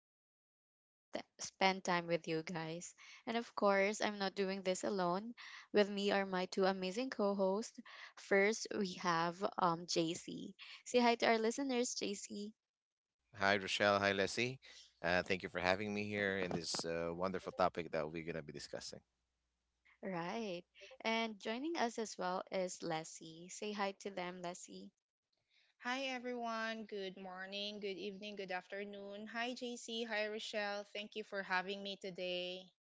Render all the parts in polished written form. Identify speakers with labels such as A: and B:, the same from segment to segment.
A: and I'm so excited to spend time with you guys. And of course, I'm not doing this alone. With me are my two amazing co hosts. First, we have JC. Say hi to our listeners, JC.
B: Hi, Rochelle. Hi, Leslie. Thank you for having me here in this wonderful topic that we're going to be discussing.
A: Right. And joining us as well is Leslie. Say hi to them, Leslie.
C: Hi everyone, good morning, good evening, good afternoon. Hi JC, hi Rochelle. Thank you for having me today.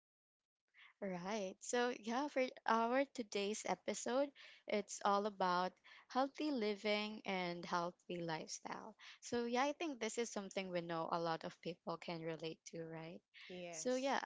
A: Right. So, for our today's episode, it's all about healthy living and healthy lifestyle. So, yeah, I think this is something we know a lot of people can relate to, right? So,
C: Yes.
A: yeah,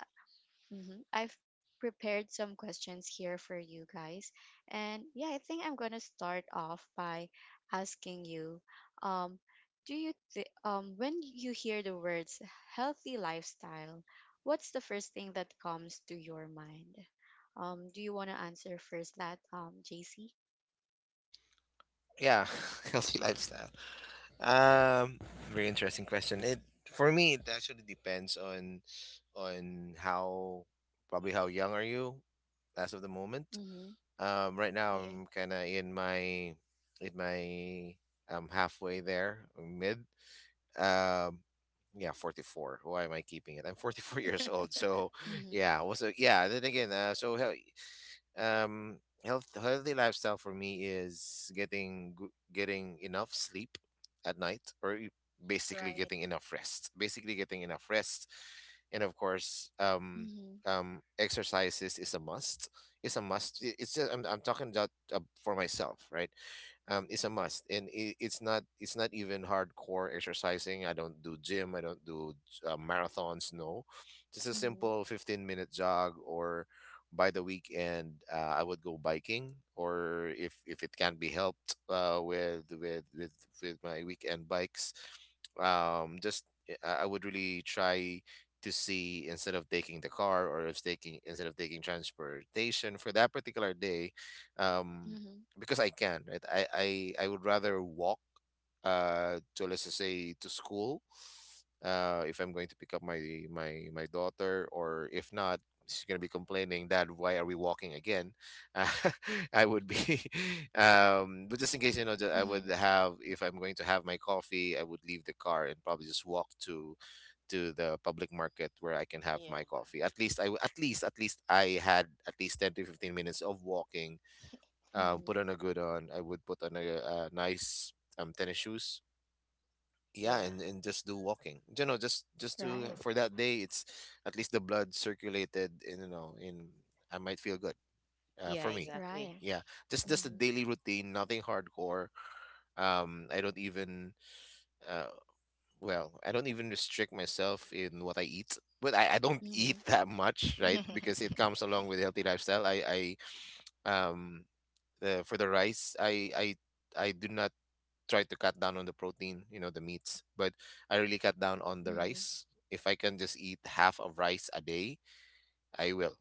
A: hmm I've prepared some questions here for you guys. And yeah, I think I'm going to start off by asking you um do you when you hear the words healthy lifestyle, what's the first thing that comes to your mind? Do you want to answer first that JC?
B: Yeah, healthy lifestyle. Um, Very interesting question. It for me, it actually depends on how probably how young are you as of the moment.
A: Mhm.
B: Right now,
C: Yeah.
B: I'm kind of in my in my I'm halfway there, mid. um yeah, 44. Why am I keeping it? I'm 44 years old. So
A: Mhm.
B: yeah was a, yeah then again so hell, um health Healthy lifestyle for me is getting enough sleep at night, basically
C: Right.
B: getting enough rest, basically getting enough rest. And of course,
A: Mhm.
B: exercises is a must. It's just I'm talking about, for myself, right? It's a must, and it's not even hardcore exercising. I don't do gym, I don't do marathons, no. Just a
A: Mhm.
B: simple 15-minute jog, or by the weekend, I would go biking, or if it can be helped, with my weekend bikes. Just I would really try to see, instead of taking the car, or if taking instead of taking transportation for that particular day, um
A: Mhm.
B: because I can, right? I would rather walk, to, let's just say, to school, if I'm going to pick up my daughter. Or if not, she's going to be complaining, "Dad, why are we walking again?" I would be but just in case, you know, that I would
A: Mhm.
B: have, if I'm going to have my coffee, I would leave the car and probably just walk to the public market where I can have my
C: Yeah.
B: coffee. At least I had at least 10 to 15 minutes of walking. Put
A: Mhm.
B: on a good on. I would put on a nice tennis shoes, yeah,
C: Yeah.
B: and just do walking, you know, just to,
A: Right.
B: for that day, it's at least the blood circulated, and you know, in I might feel good,
C: Yeah,
B: for me.
C: exactly.
A: Right.
B: Yeah, just a
A: Mhm.
B: daily routine, nothing hardcore. um i don't even uh I don't even restrict myself in what I eat, but I don't eat
A: Mhm.
B: that much, right? Because it comes along with healthy lifestyle. I um for the rice, I do not try to cut down on the protein, you know, the meats, but I really cut down on the
A: Mhm.
B: rice. If I can just eat half of rice a day, I will.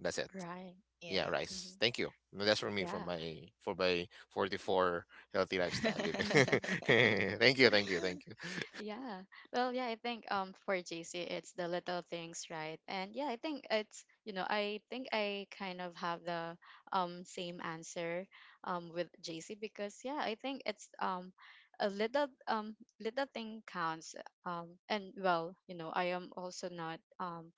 B: That's it.
A: Right.
B: Yeah,
C: yeah.
B: rice.
A: Mhm.
B: Thank you. No. That's for me, for
A: Yeah.
B: my, for my 44 healthy lifestyle living.
A: Hmm.
B: Thank you, thank you, thank you.
A: Yeah. Well, yeah, I think for JC it's the little things, right? And yeah, I think it's, you know, I think I kind of have the same answer with JC, because yeah, I think it's a little little thing counts. And well, you know, I am also not um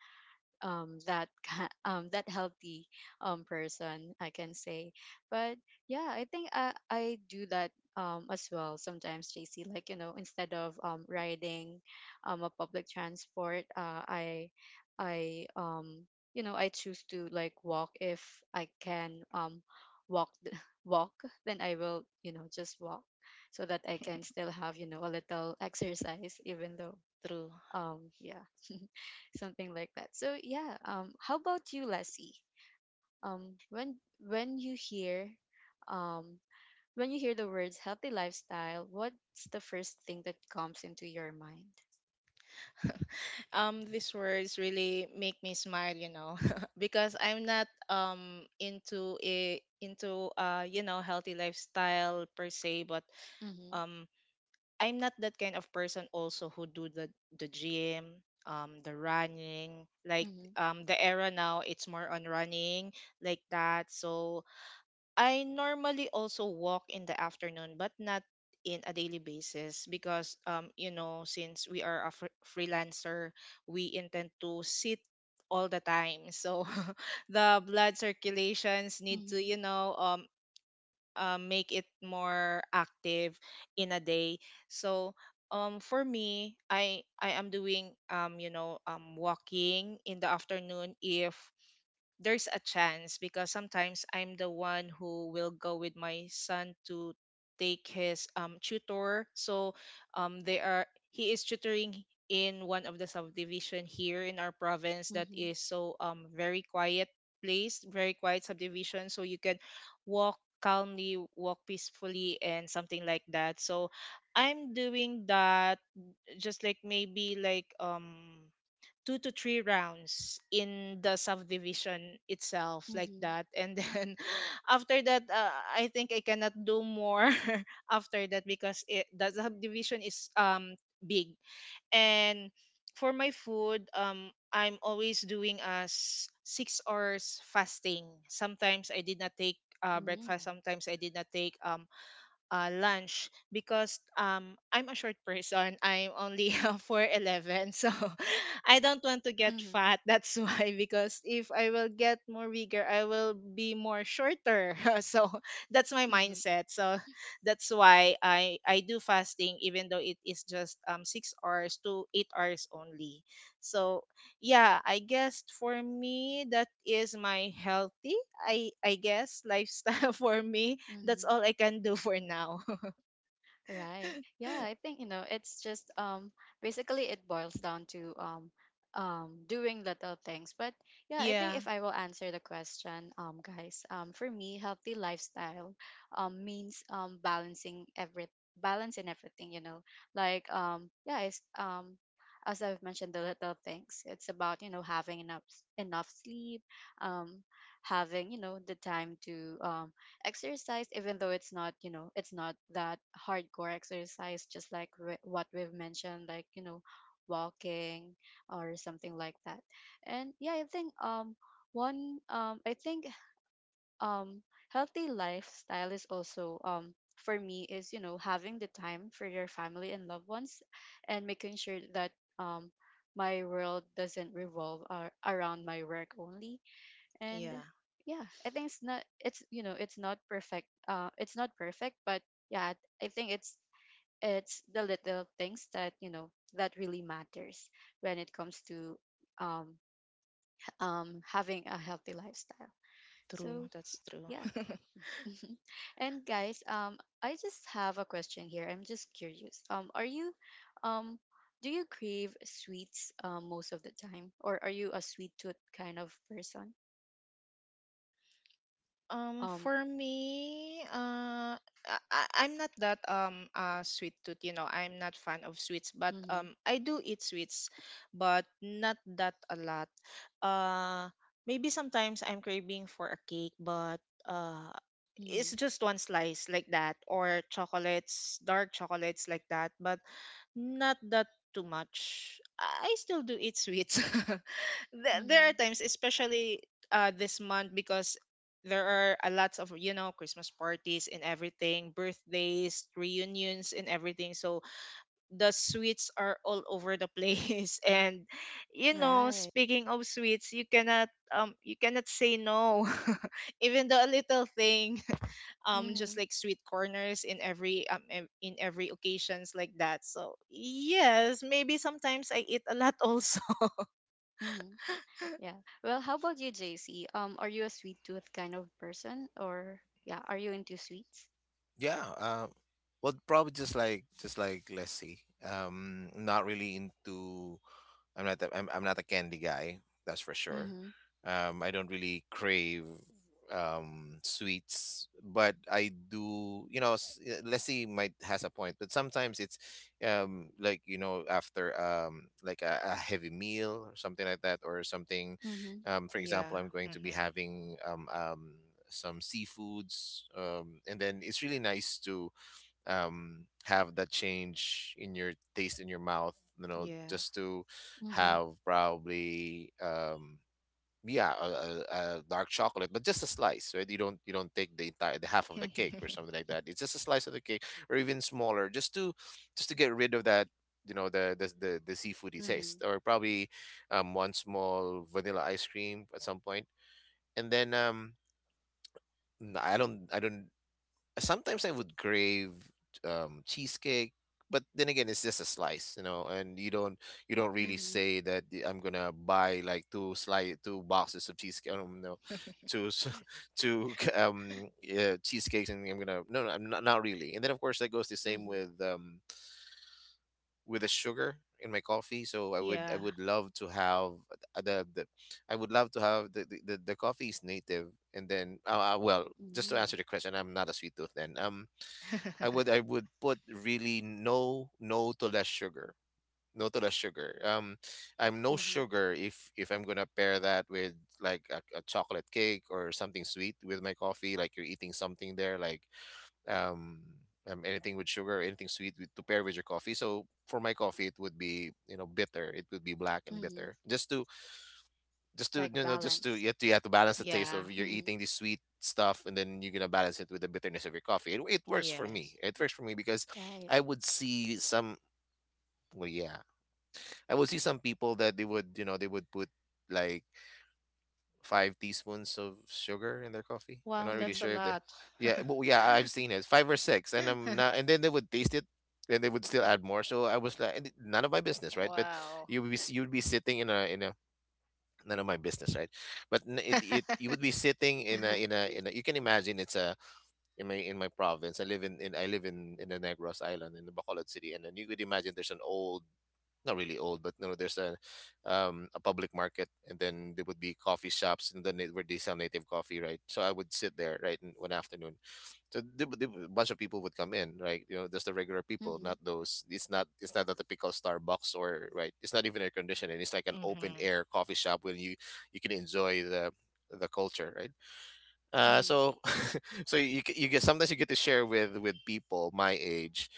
A: um, that ki- that healthy person, I can say. But yeah, I think I do that as well sometimes, JC. Like, you know, instead of riding a public transport, I I um, you know, I choose to like walk. If I can walk th- walk, then I will, you know, just walk so that I can still have, you know, a little exercise even though,
C: True.
A: um yeah something like that. So yeah, how about you, Leslie? Um, when when um, when you hear the words healthy lifestyle, what's the first thing that comes into your mind?
C: These words really make me smile, because I'm not into a into healthy lifestyle per se, but
A: Mm-hmm.
C: um. I'm not that kind of person also who do the gym, the running. Like
A: Mm-hmm.
C: the era now, it's more on running like that. So I normally also walk in the afternoon, but not in a daily basis because since we are a freelancer, we intend to sit all the time. So the blood circulations need to
A: Mm-hmm.
C: make it more active in a day. So for me, I am doing walking in the afternoon if there's a chance, because sometimes I'm the one who will go with my son to take his tutor. So they are he is tutoring in one of the subdivision here in our province that is so very quiet place, very quiet subdivision. So you can walk calmly, walk peacefully and something like that. So I'm doing that, just like maybe like two to three rounds in the subdivision itself like
A: Mm-hmm.
C: that, and then after that I think I cannot do more after that because the subdivision is big. And for my food, I'm always doing as 6 hours fasting. Sometimes I did not take
A: Mm-hmm. Mm-hmm.
C: breakfast, sometimes I did not take lunch because I'm a short person. I'm only 4'11", so I don't want to get
A: Mm-hmm.
C: fat. That's why, because if I will get more bigger, I will be more shorter. So that's my mindset. So that's why I do fasting, even though it is just 6 hours to 8 hours only. So yeah, I guess for me that is my healthy, I guess, lifestyle for me. That's
A: Mm-hmm.
C: all I can do for now.
A: Right. Yeah, I think, you know, it's just basically it boils down to doing little things. But yeah, I think
C: Yeah,
A: if I will answer the question, guys, for me healthy lifestyle means balancing every balance in everything, you know. Like yeah, it's as I've mentioned, the little things. It's about, you know, having enough sleep, um having, you know, the time to exercise, even though it's not, you know, it's not that hardcore exercise, just like what we've mentioned, like, you know, walking or something like that. And yeah, I think one I think um healthy lifestyle is also, for me, is, you know, having the time for your family and loved ones and making sure that um my world doesn't revolve around my work only. And
C: yeah,
A: yeah, I think it's not, it's, you know, it's not perfect, it's not perfect, but yeah, I think it's the little things that, you know, that really matters when it comes to um having a healthy lifestyle,
C: true.
A: so
C: That's true.
A: yeah. And guys, I just have a question here. I'm just curious, are you um do you crave sweets most of the time, or are you a sweet tooth kind of person? um
C: For me, I'm not that sweet tooth. You know, I'm not fan of sweets, but
A: mm-hmm,
C: I do eat sweets, but not that a lot. Uh, Maybe sometimes I'm craving for a cake, but uh, it's just one slice like that, or chocolates, dark chocolates like that, but not that too much. I still do eat sweets. There are
A: hmm
C: times, especially this month, because there are a lots of, you know, Christmas parties and everything, birthdays, reunions and everything, so the sweets are all over the place. And you know,
A: Right.
C: speaking of sweets, you cannot say no even though a little thing.
A: Mm-hmm.
C: Just like sweet corners in every in every occasions like that. So yes, maybe sometimes I eat a lot also.
A: Mm-hmm. Yeah. Well, how about you, JC? Are you a sweet tooth kind of person, or yeah, are you into sweets?
B: Yeah, well, probably just like, let's see. Not really into, I'm not the, I'm not a candy guy, that's for sure.
A: Mm-hmm.
B: I don't really crave sweets, but I do, you know, Leslie might has a point, but sometimes it's like, you know, after like a heavy meal or something like that, or something
A: Mm-hmm.
B: for example,
C: yeah
B: I'm going to be
C: hmm
B: having some seafoods, and then it's really nice to have that change in your taste, in your mouth, you know,
C: yeah
B: just to
A: Mm-hmm.
B: have probably, yeah, a dark chocolate, but just a slice, right? You don't take the entire, the half of the cake or something like that. It's just a slice of the cake, or even smaller, just to get rid of that, you know, the seafoody
A: Mm-hmm.
B: taste, or probably one small vanilla ice cream at some point. And then I don't, sometimes I would crave, cheesecake, but then again, it's just a slice, you know, and you don't really
A: Mm-hmm.
B: say that, I'm gonna buy like two slice, two boxes of cheesecake. I don't know, two s- two yeah, cheesecakes, and I'm gonna, no, no, I'm not, not really. And then of course, that goes the same
A: Mm-hmm.
B: with the sugar in my coffee. So I would, I
C: yeah
B: would love to have the I would love to have the coffee is native. And then, well, just to
A: Mm-hmm.
B: answer the question, I'm not a sweet tooth. Then, I would, I would put really no, no to less sugar. No to less sugar. I'm no
A: Mm-hmm.
B: sugar if I'm gonna pair that with like a chocolate cake or something sweet with my coffee. Like, you're eating something there, like um, anything with sugar, or anything sweet with, to pair with your coffee. So for my coffee, it would be, you know, bitter. It would be black and
A: Mm-hmm.
B: bitter, just to
A: Like
B: you know, just to,
A: balance.
B: you have to, you have to balance the taste of,
C: yeah.
B: you're
A: Mm-hmm.
B: eating the sweet stuff, and then you're gonna balance it with the bitterness of your coffee. It works for
C: Yes.
B: me, it works for me. Because
A: Right.
B: I would see some, well, yeah, I would see some people that they would, you know, they would put like five teaspoons of sugar in their coffee. I'm
C: Wow,
B: not really
C: that's
A: Mm-hmm.
C: a
B: sure if the,
C: lot.
B: yeah, but yeah, I've seen it, five or six, and I'm not, and then they would taste it and they would still add more. So I was like, none of my business, right? But
C: Wow.
B: you would be you would be sitting in a none of my business, right? But it, you would be sitting in
A: Uh-huh.
B: a, you can imagine, it's a, in my, in my province, I live in, I live in the Negros island, in the Bacolod city. And then you could imagine, there's an old, not really old, but no, there's a public market, and then there would be coffee shops, and then, it, where they sell native coffee, right? So I would sit there, right, in one afternoon. So the a bunch of people would come in, right? You know, just the regular people,
A: Mm-hmm.
B: not those. It's not, it's not a typical Starbucks or, right. It's not even air conditioning. It's like an open
C: Mm-hmm.
B: air coffee shop where you can enjoy the culture, right?
A: Mm-hmm.
B: So so you get, sometimes you get to share with people my age,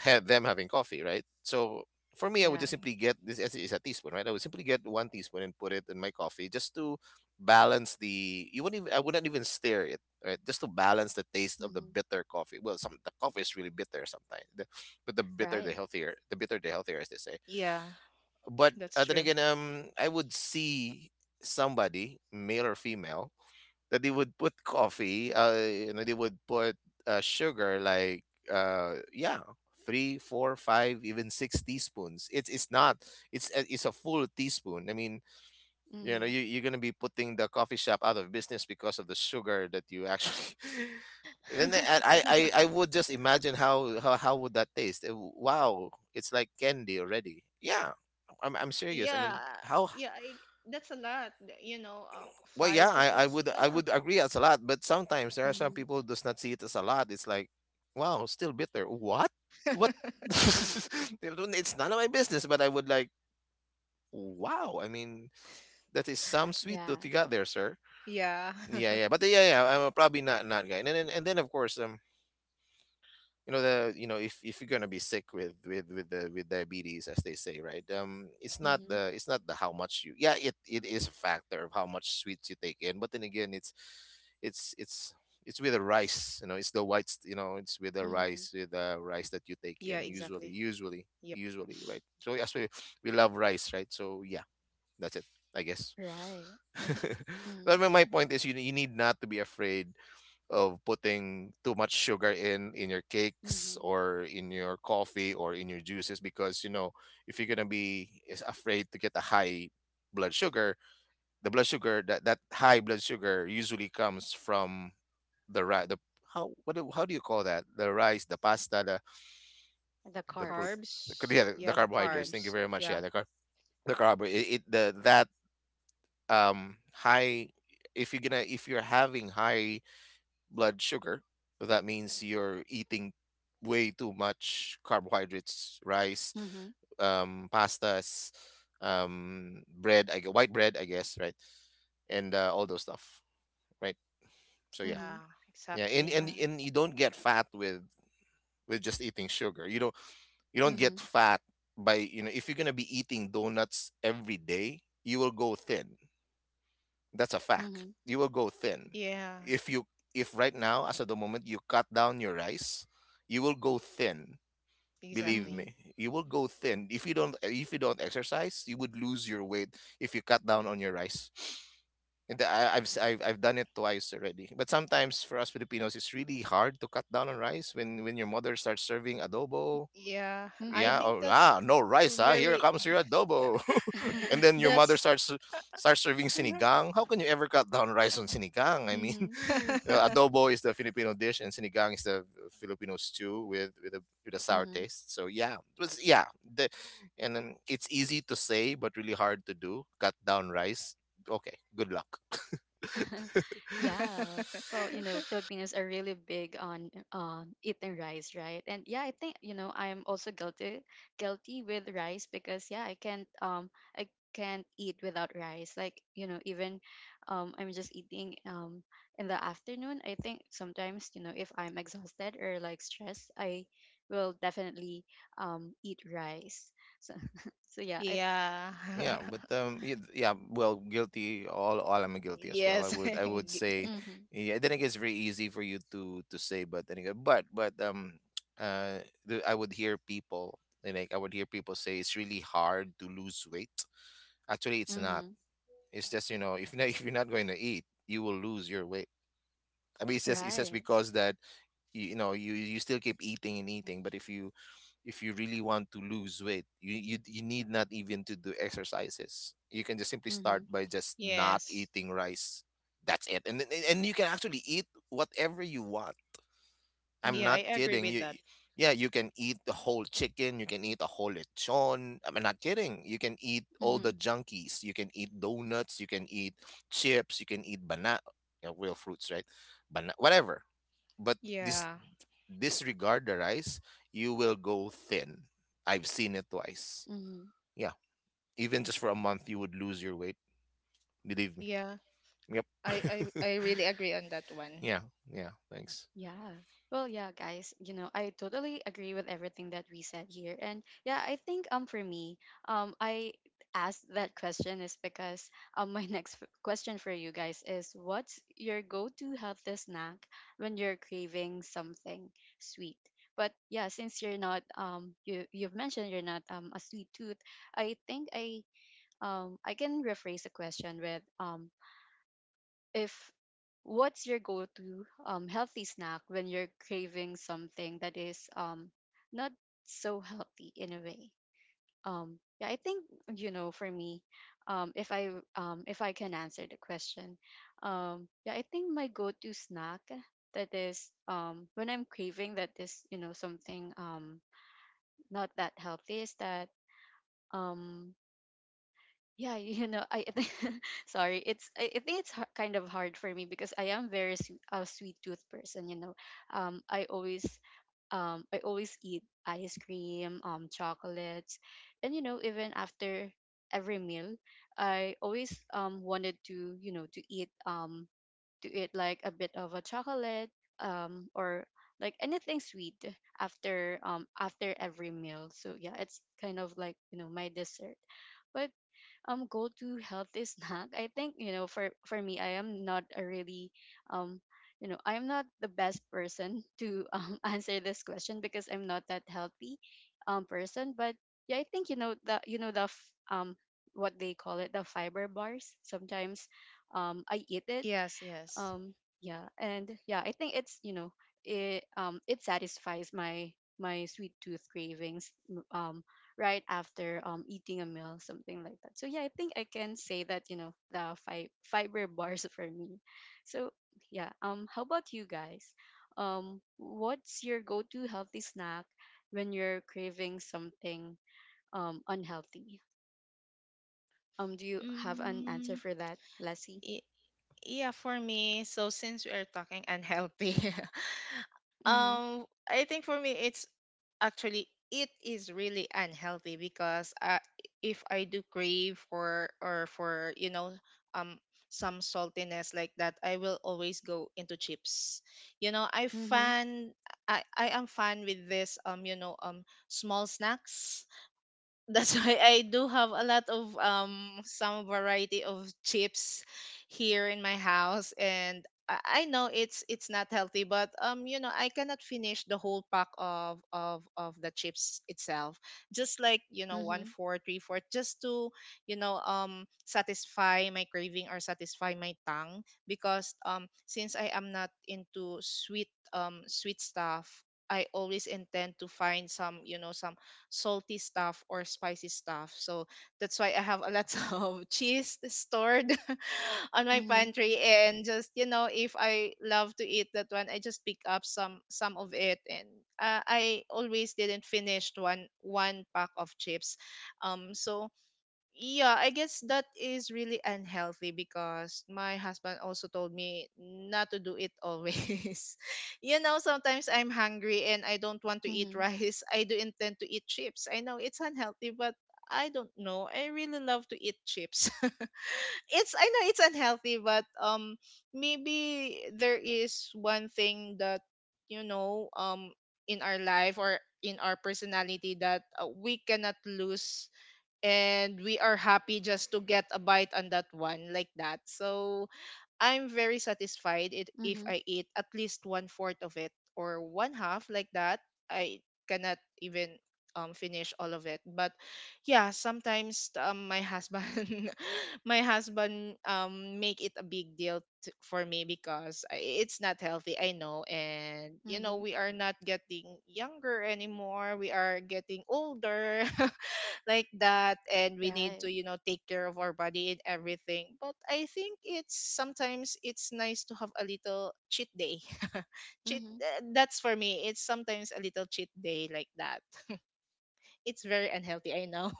B: have them having coffee, right? So for me, I would
C: Yeah.
B: just simply get this as is a teaspoon, right? I would simply get one teaspoon and put it in my coffee, just to balance the. You wouldn't even, I wouldn't even stir it, right? Just to balance the taste of the
A: Mm-hmm.
B: bitter coffee. Well, some, the coffee is really bitter sometimes, but the bitter the
A: Right.
B: healthier, the bitter the healthier, as they say.
C: Yeah,
B: But
C: that's
B: then
C: true.
B: again, I would see somebody, male or female, that they would put coffee, you know, they would put sugar like, yeah, three, four, five, even six teaspoons. It's not, it's it's a full teaspoon. I mean, you know,
A: Mm-hmm.
B: you, you're gonna be putting the coffee shop out of business because of the sugar that you actually. And then I would just imagine, how, how would that taste? Wow, it's like candy already. Yeah, I'm serious. I
C: Yeah,
B: mean, how.
C: yeah, I, that's a lot. You know,
B: Well, yeah,
C: five to
B: I
C: six.
B: would, I
C: Yeah.
B: would agree as a lot, but sometimes there are some
A: Mm-hmm.
B: people who does not see it as a lot. It's like, wow, still bitter. What? What? It's none of my business, but I would like, wow. I mean, that is some sweet
A: Yeah.
B: tooth you got there, sir.
C: Yeah.
B: Yeah, yeah, but yeah, yeah. I'm probably not guy, and then of course, the you know if you're gonna be sick with diabetes, as they say, right, it's not
A: Mm-hmm.
B: the how much you, yeah, it is a factor of how much sweets you take in. But then again, it's it's it's with the rice. It's the whites, it's with the
A: Mm-hmm.
B: rice that you take
C: Yeah,
B: in usually
C: exactly. Yep.
B: right? So yes, we love rice, right? So yeah, that's it, I guess.
A: Right. Mm-hmm.
B: But my point is, you need not to be afraid of putting too much sugar in your cakes,
A: Mm-hmm.
B: or in your coffee, or in your juices, because if you're gonna be is afraid to get a high blood sugar, the blood sugar — that high blood sugar usually comes from the rice, the how — how do you call that — the rice, the pasta,
A: The
B: the pro
A: carbs.
C: Carbs.
B: yeah, the
C: Yeah, the
B: carbohydrates,
A: Mm-hmm.
B: thank you
C: carbs.
B: very much.
C: Yeah.
B: Yeah, the carb — it the that high — if you're having high blood sugar. So that means you're eating way too much carbohydrates, rice,
A: Mm-hmm.
B: pastas, bread, white bread, I guess, right? And all those stuff, right? So yeah,
A: Mm-hmm.
C: Yeah,
B: yeah, and
C: exactly.
B: and
A: Yeah.
B: and you don't get fat with just eating sugar. You don't get
A: Mhm.
B: fat by — if you're gonna be eating donuts every day, you will go thin. That's a fact.
A: Mhm.
B: You will go thin.
C: Yeah,
B: If you if right now, as at the moment, you cut down your rice, you will go thin. Believe
C: exactly.
A: Mhm.
B: me, you will go thin. If you don't exercise, you would lose your weight if you cut down on your rice. And I, I've, s- I've done it twice already. But sometimes for us Filipinos, it's really hard to cut down on rice when your mother starts serving adobo.
C: Yeah, I
B: Yeah.
A: Mhm.
C: think
B: Oh,
C: that's
B: ah, no rice. Ah, here
C: very
B: comes your adobo. And then your mother
C: that's
B: starts serving sinigang. How can you ever cut down rice on sinigang? I mean, you
A: Mhm.
B: know, adobo is the Filipino dish, and sinigang is the Filipino stew with a sour
A: Mhm.
B: taste. So yeah, it was, yeah. And then it's easy to say, but really hard to do. Cut down rice. Okay. Good luck.
A: Yeah. Well, you know, Filipinos are really big on eating rice, right? And yeah, I think, you know, I'm also guilty with rice, because yeah, I can't eat without rice. Like, you know, even I'm just eating in the afternoon. I think sometimes, you know, if I'm exhausted or like stressed, I will definitely eat rice. So so yeah, I
C: yeah.
B: Yeah, but yeah, well, guilty. All I'm guilty as well.
C: yes.
B: I would
C: G-
B: say,
A: mhm.
B: yeah, I think it's very easy for you to say. But then again, but uh, I would hear people — like I would hear people say it's really hard to lose weight. Actually, it's not.
A: Mhm.
B: It's just — if not — if you're not going to eat, you will lose your weight. I mean, it's just
A: Right.
B: because that you know you still keep eating and eating. But if you really want to lose weight, you need not even to do exercises. You can just simply start
A: Mhm.
B: by just not
C: yes.
B: eating rice. That's it. And you can actually eat whatever you want. I'm
C: Yeah, I
B: not
A: Mhm.
C: agree
B: kidding
C: with
B: you.
C: that.
B: Yeah, you can eat the whole chicken. You can eat a whole lechon. I'm not kidding. You can eat all the
A: Mhm.
B: junkies. You can eat donuts. You can eat chips. You can eat banana, real fruits, right? Banana, whatever. But this
C: Yeah.
B: Disregard the rice, you will go thin. I've seen it twice.
A: Mhm.
B: Yeah. Even just for a month, you would lose your weight. Believe me.
C: Yeah.
B: Yep.
C: I I I really agree on that one.
B: Yeah. Yeah. Thanks.
A: Yeah. Well, yeah, guys, you know, I totally agree with everything that we said here. And yeah, I think for me, I asked that question is because my next question for you guys is, what's your go-to healthy snack when you're craving something sweet? But yeah, since you're not, you've mentioned you're not a sweet tooth, I think I can rephrase the question with, if what's your go-to healthy snack when you're craving something that is not so healthy in a way. Yeah I think You know, for me, um, if i if I can answer the question, yeah, I think my go-to snack that is, when I'm craving that, is, you know, something not that healthy, is that, um, yeah, you know, I sorry, it's I think it's kind of hard for me because I am very a sweet tooth person, you know. um i always I always eat ice cream, chocolates, and you know, even after every meal, I always wanted to, you know, to eat like a bit of a chocolate or like anything sweet after, after every meal, so yeah, it's kind of like, you know, my dessert. But go-to healthy snack, I think, you know, for me, I am not a really um you know, I'm not the best person to, answer this question because I'm not that healthy person, but yeah, I think, you know, the what they call it, the fiber bars. Sometimes I eat it,
C: Yes, yes.
A: um yeah. And yeah, I think it's, you know, it it satisfies my my sweet tooth cravings right after eating a meal, something like that. So yeah, I think I can say that, you know, the fiber bars for me. So yeah, how about you guys? What's your go-to healthy snack when you're craving something unhealthy? Do you have an answer
C: Mm,
A: for that, Leslie?
C: y- Yeah, for me, so since we are talking unhealthy,
A: Mm-hmm.
C: I think for me it's actually it is really unhealthy because if I do crave for or for, you know, um some saltiness like that, I will always go into chips. You know,
A: Mm-hmm.
C: I am fan with this small snacks, that's why I do have a lot of some variety of chips here in my house. And I know it's not healthy, but you know, I cannot finish the whole pack of the chips itself, just like you know one
A: Mm-hmm.
C: four three four, just to satisfy my craving or satisfy my tongue. Because since I am not into sweet sweet stuff, I always intend to find some, you know, some salty stuff or spicy stuff. So that's why I have a lot of cheese stored on my
A: Mm-hmm.
C: pantry, and just you know, if I love to eat that one, I just pick up some of it. And I always didn't finish one pack of chips. So yeah, I guess that is really unhealthy because my husband also told me not to do it always. You know, sometimes I'm hungry and I don't want to eat
A: Mm-hmm.
C: rice. I do intend to eat chips. I know it's unhealthy, but I don't know. I really love to eat chips. It's, I know it's unhealthy, but maybe there is one thing that, you know um in our life or in our personality, that we cannot lose, and we are happy just to get a bite on that one like that. So I'm very satisfied, if
A: Mm-hmm.
C: I eat at least one fourth of it or one half like that. I cannot even finish all of it. But yeah, sometimes my husband, my husband make it a big deal for me because it's not healthy. I know. And you
A: Mm-hmm.
C: know we are not getting younger anymore, we are getting older. Like that, and we need
A: Right.
C: to, you know, take care of our body and everything, but I think it's, sometimes it's nice to have a little cheat day. cheat
A: Mm-hmm.
C: That's for me, it's sometimes a little cheat day like that. It's very unhealthy, I know.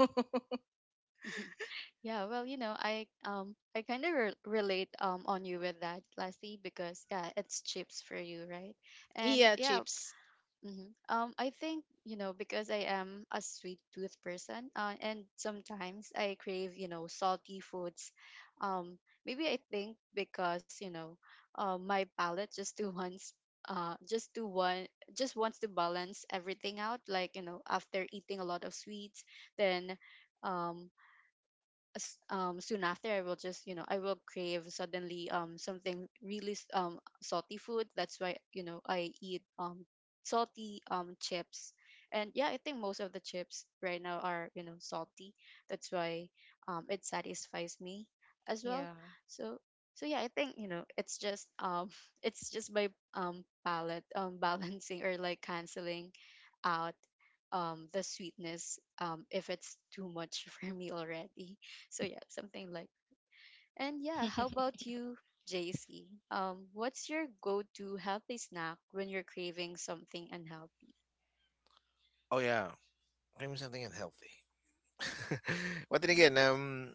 A: Yeah, well, you know, I kind of relate on you with that, Lassie, because yeah, it's chips for you, right? And
C: yeah
A: yeah,
C: chips
A: hmm. I think, you know, because I am a sweet tooth person, and sometimes I crave, you know, salty foods. Um, maybe I think because, you know, my palate just to once, just to one, just wants to balance everything out. Like, you know, after eating a lot of sweets, then, um, soon after I will just, you know, I will crave suddenly salty food. That's why, you know, I eat salty chips. And yeah, I think most of the chips right now are, you know, salty. That's why it satisfies me as well,
C: yeah
A: so. So yeah, I think, you know, it's just it's just my palate balancing, or like canceling out the sweetness, if it's too much for me already. So yeah, something like. And yeah, how about you, JC? What's your go-to healthy snack when you're craving something unhealthy?
B: Oh, yeah. Cream something unhealthy. But then again,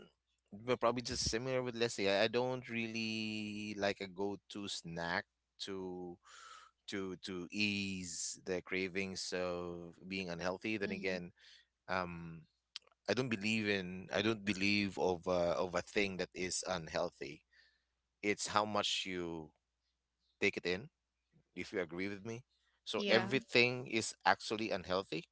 B: but probably just similar with Leslie. I don't really like a go-to snack to ease the cravings of being unhealthy. Then
A: Mm-hmm.
B: again, um I don't believe of a thing that is unhealthy. It's how much you take it in, if you agree with me. So
C: yeah
A: Mm-hmm.
B: everything is actually unhealthy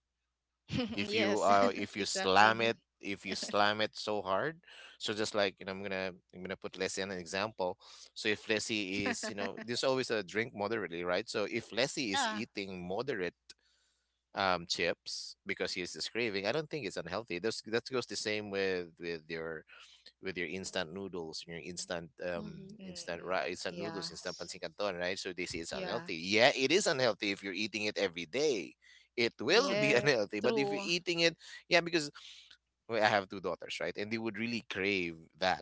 B: if you —
C: yes exactly
B: if you slam it so hard. So just, like you know, I'm gonna put Lessie an example. So if Lessie is — you know, there's always a drink moderately, right? So if Lessie is
C: yeah.
B: eating moderately, chips, because he has craving, I don't think it's unhealthy. That goes the same with with your instant noodles, your instant
A: Mm-hmm.
B: instant
C: Mm-mm.
B: rice, instant
C: yeah
B: noodles, instant pancit canton, right? So they say it's
C: yeah
B: unhealthy, yeah, it is unhealthy if you're eating it every day. It will be
C: yeah
B: unhealthy, but if you're
C: true
B: eating it — yeah, because, well, I have two daughters, right? And they would really crave that.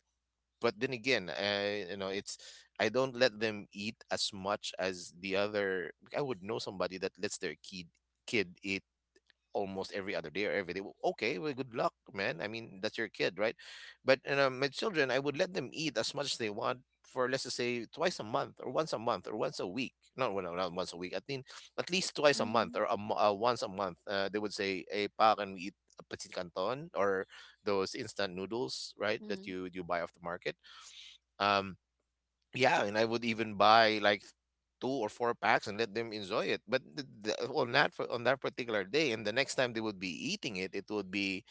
B: But then again, you know, it's — I don't let them eat as much as the other. I would know somebody that lets their kid eat almost every other day, or every day. Well, okay, well, good luck, man. I mean, that's your kid, right? But you know, my children, I would let them eat as much as they want for, let's just say, twice a month, or once a month, or once a week. Not — well, no, not once a week. I think at least twice a
A: Mm-hmm.
B: month, or once a month. They would say, "Hey, pa, can we eat a petit canton or those instant noodles, right? That
A: Mm-hmm.
B: you buy off the market." Um, yeah, and I would even buy like two or four packs and let them enjoy it. But on on that particular day, and the next time they would be eating it, it would be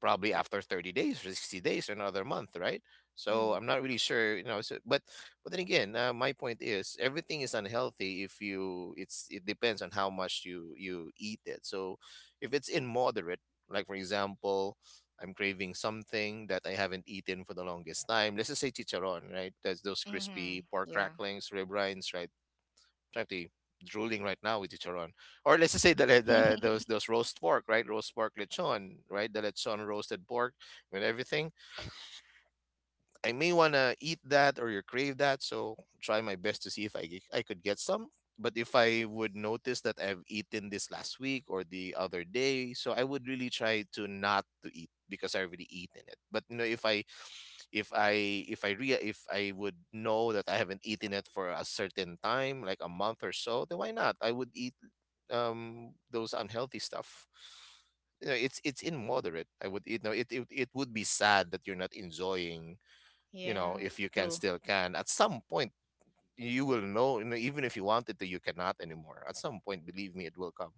B: probably after 30 days, or 60 days, or another month, right? So
A: Mm-hmm.
B: I'm not really sure, you know, so — but then again, my point is, everything is unhealthy if you — it depends on how much you eat it. So if it's in moderate, like for example, I'm craving something that I haven't eaten for the longest time, let's just say chicharron, right? That's those crispy
C: mm-hmm.
B: pork
C: yeah
B: cracklings, rib rinds, right? Frankly drooling right now with chicharon. Or let's just say the those roast pork, right? Roast pork lechon, right? The lechon roasted pork with everything. I may want to eat that, or you crave that, so try my best to see if I could get some. But if I would notice that I've eaten this last week, or the other day, so I would really try to not to eat because I already eaten it. But you know, if I if
A: Mm-hmm.
B: I would know that I haven't eaten it for a certain time, like a month or so, then why not? I would eat those unhealthy stuff. You know, it's in moderate, I would eat. No, it would be sad that you're not enjoying, you know,
C: yeah
B: if you can
C: true
B: still can at some point. You will know, you know, even if you wanted to, you cannot anymore at some point. Believe me, it will come.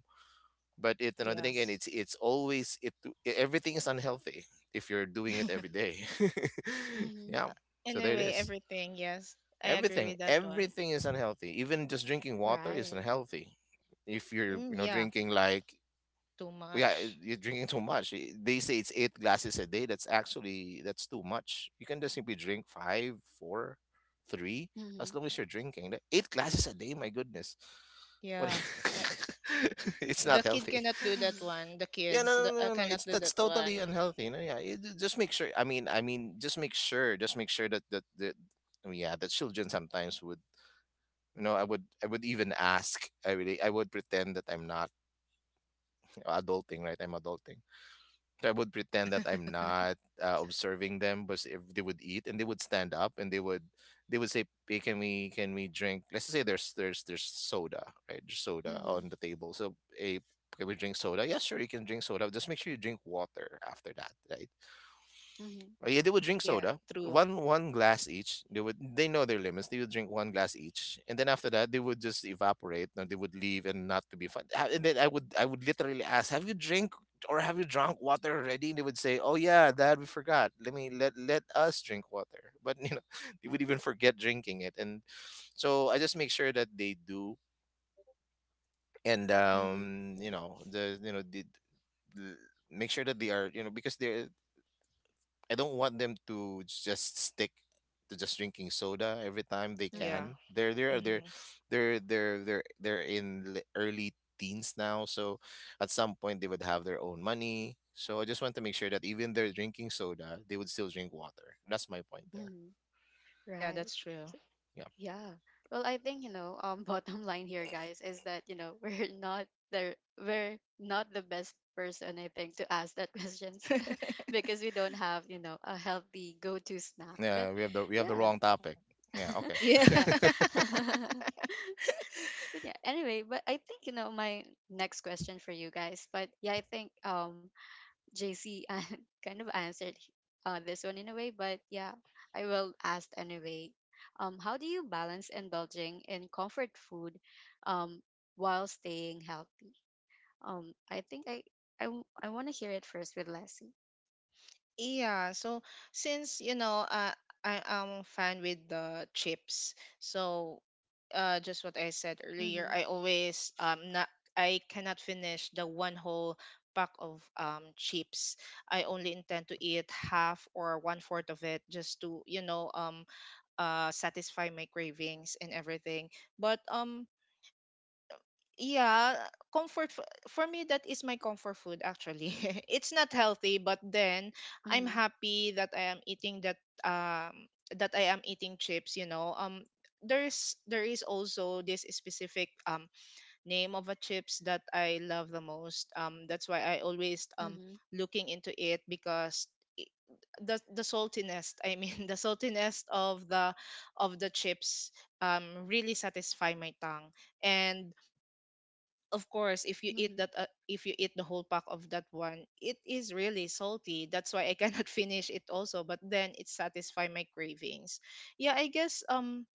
B: But it you know then again,
C: yes.
B: it's always — everything is unhealthy if you're doing it every day.
A: Mm-hmm.
B: Yeah, so there it
C: Anyway,
B: is.
C: everything. Yes, I agree
B: everything
C: with that one.
B: everything is unhealthy, even just drinking water is
A: Right.
B: unhealthy if you're,
C: Mm,
B: you know,
C: yeah,
B: drinking like —
C: too
B: yeah,
C: much.
B: you're drinking too much. They say it's eight glasses a day. That's — actually, that's too much. You can just simply drink five, four, three,
A: Mm-hmm.
B: as long as you're drinking. Like, eight glasses a day, my goodness. What?
C: Yeah, I,
B: It's not
C: the kid
B: healthy.
C: cannot do that
A: Mm-hmm.
C: one. The
B: Yeah, no,
C: kids
B: no, no, no, no.
C: cannot
B: It's
C: do
B: that's
C: that
B: totally
C: one.
B: unhealthy. No, yeah. Just make sure. I mean, just make sure. Just make sure that. I mean, yeah, that children sometimes would. You know, I would. I would even ask. I would pretend that I'm not, you know, adulting, right? I'm adulting. So I would pretend that I'm not observing them, but if they would eat, and they would stand up, and they would say, "Hey, can we drink?" Let's say there's soda, right? There's soda
A: Mm-hmm.
B: on the table. So, hey, can we drink soda? Yeah, sure, you can drink soda. Just make sure you drink water after that, right?
A: Mm-hmm.
B: Oh, yeah, they would drink
C: Yeah,
B: soda.
C: true.
B: One glass each. They know their limits. They would drink one glass each, and then after that, they would just evaporate. And they would leave, and not to be fun. And then I would literally ask, "Have you drink, or have you drunk water already?" And they would say, "Oh yeah, Dad, we forgot. Let me let Let us drink water." But you know, they would even forget drinking it, and so I just make sure that they do, and
A: Mm-hmm.
B: you know, the you know the. The make sure that they are, you know, because they are — I don't want them to just stick to just drinking soda every time they
C: Yeah.
B: can.
C: hmm
B: They're early teens now, so at some point they would have their own money. So I just want to make sure that even they're drinking soda, they would still drink water. That's my point there.
A: Mm-hmm.
C: Yeah,
A: Right.
C: that's true.
B: Yeah,
A: Yeah. Well, I think, you know, bottom line here, guys, is that, you know, we're not the best person, I think, to ask that questions because we don't have, you know, a healthy go-to snack. But
B: yeah. We have the
A: yeah.
B: wrong topic. Yeah. Okay.
C: yeah.
A: Yeah. But yeah, anyway, but I think, you know, my next question for you guys, but yeah, I think JC kind of answered this one in a way, but yeah, I will ask anyway. How do you balance indulging in comfort food um, while staying healthy? I think I want to hear it first with Lassie.
C: Yeah, so since you know, I am fan with the chips. So, just what I said earlier,
A: Mm-hmm,
C: I always not I cannot finish the one whole pack of chips. I only intend to eat half or one fourth of it, just to satisfy my cravings and everything. But yeah, for me that is my comfort food actually. It's not healthy, but then I'm
A: mm-hmm,
C: happy that I am eating that, um that I am eating chips, you know. There's there is also this specific name of a chips that I love the most. That's why I always
A: mm-hmm,
C: looking into it because i- the saltiness, I mean the saltiness of the chips really satisfy my tongue. And of course if you eat
A: mm-hmm,
C: that, if you eat the whole pack of that one, it is really salty, that's why I cannot finish it also, but then it satisfies my cravings. Yeah, I guess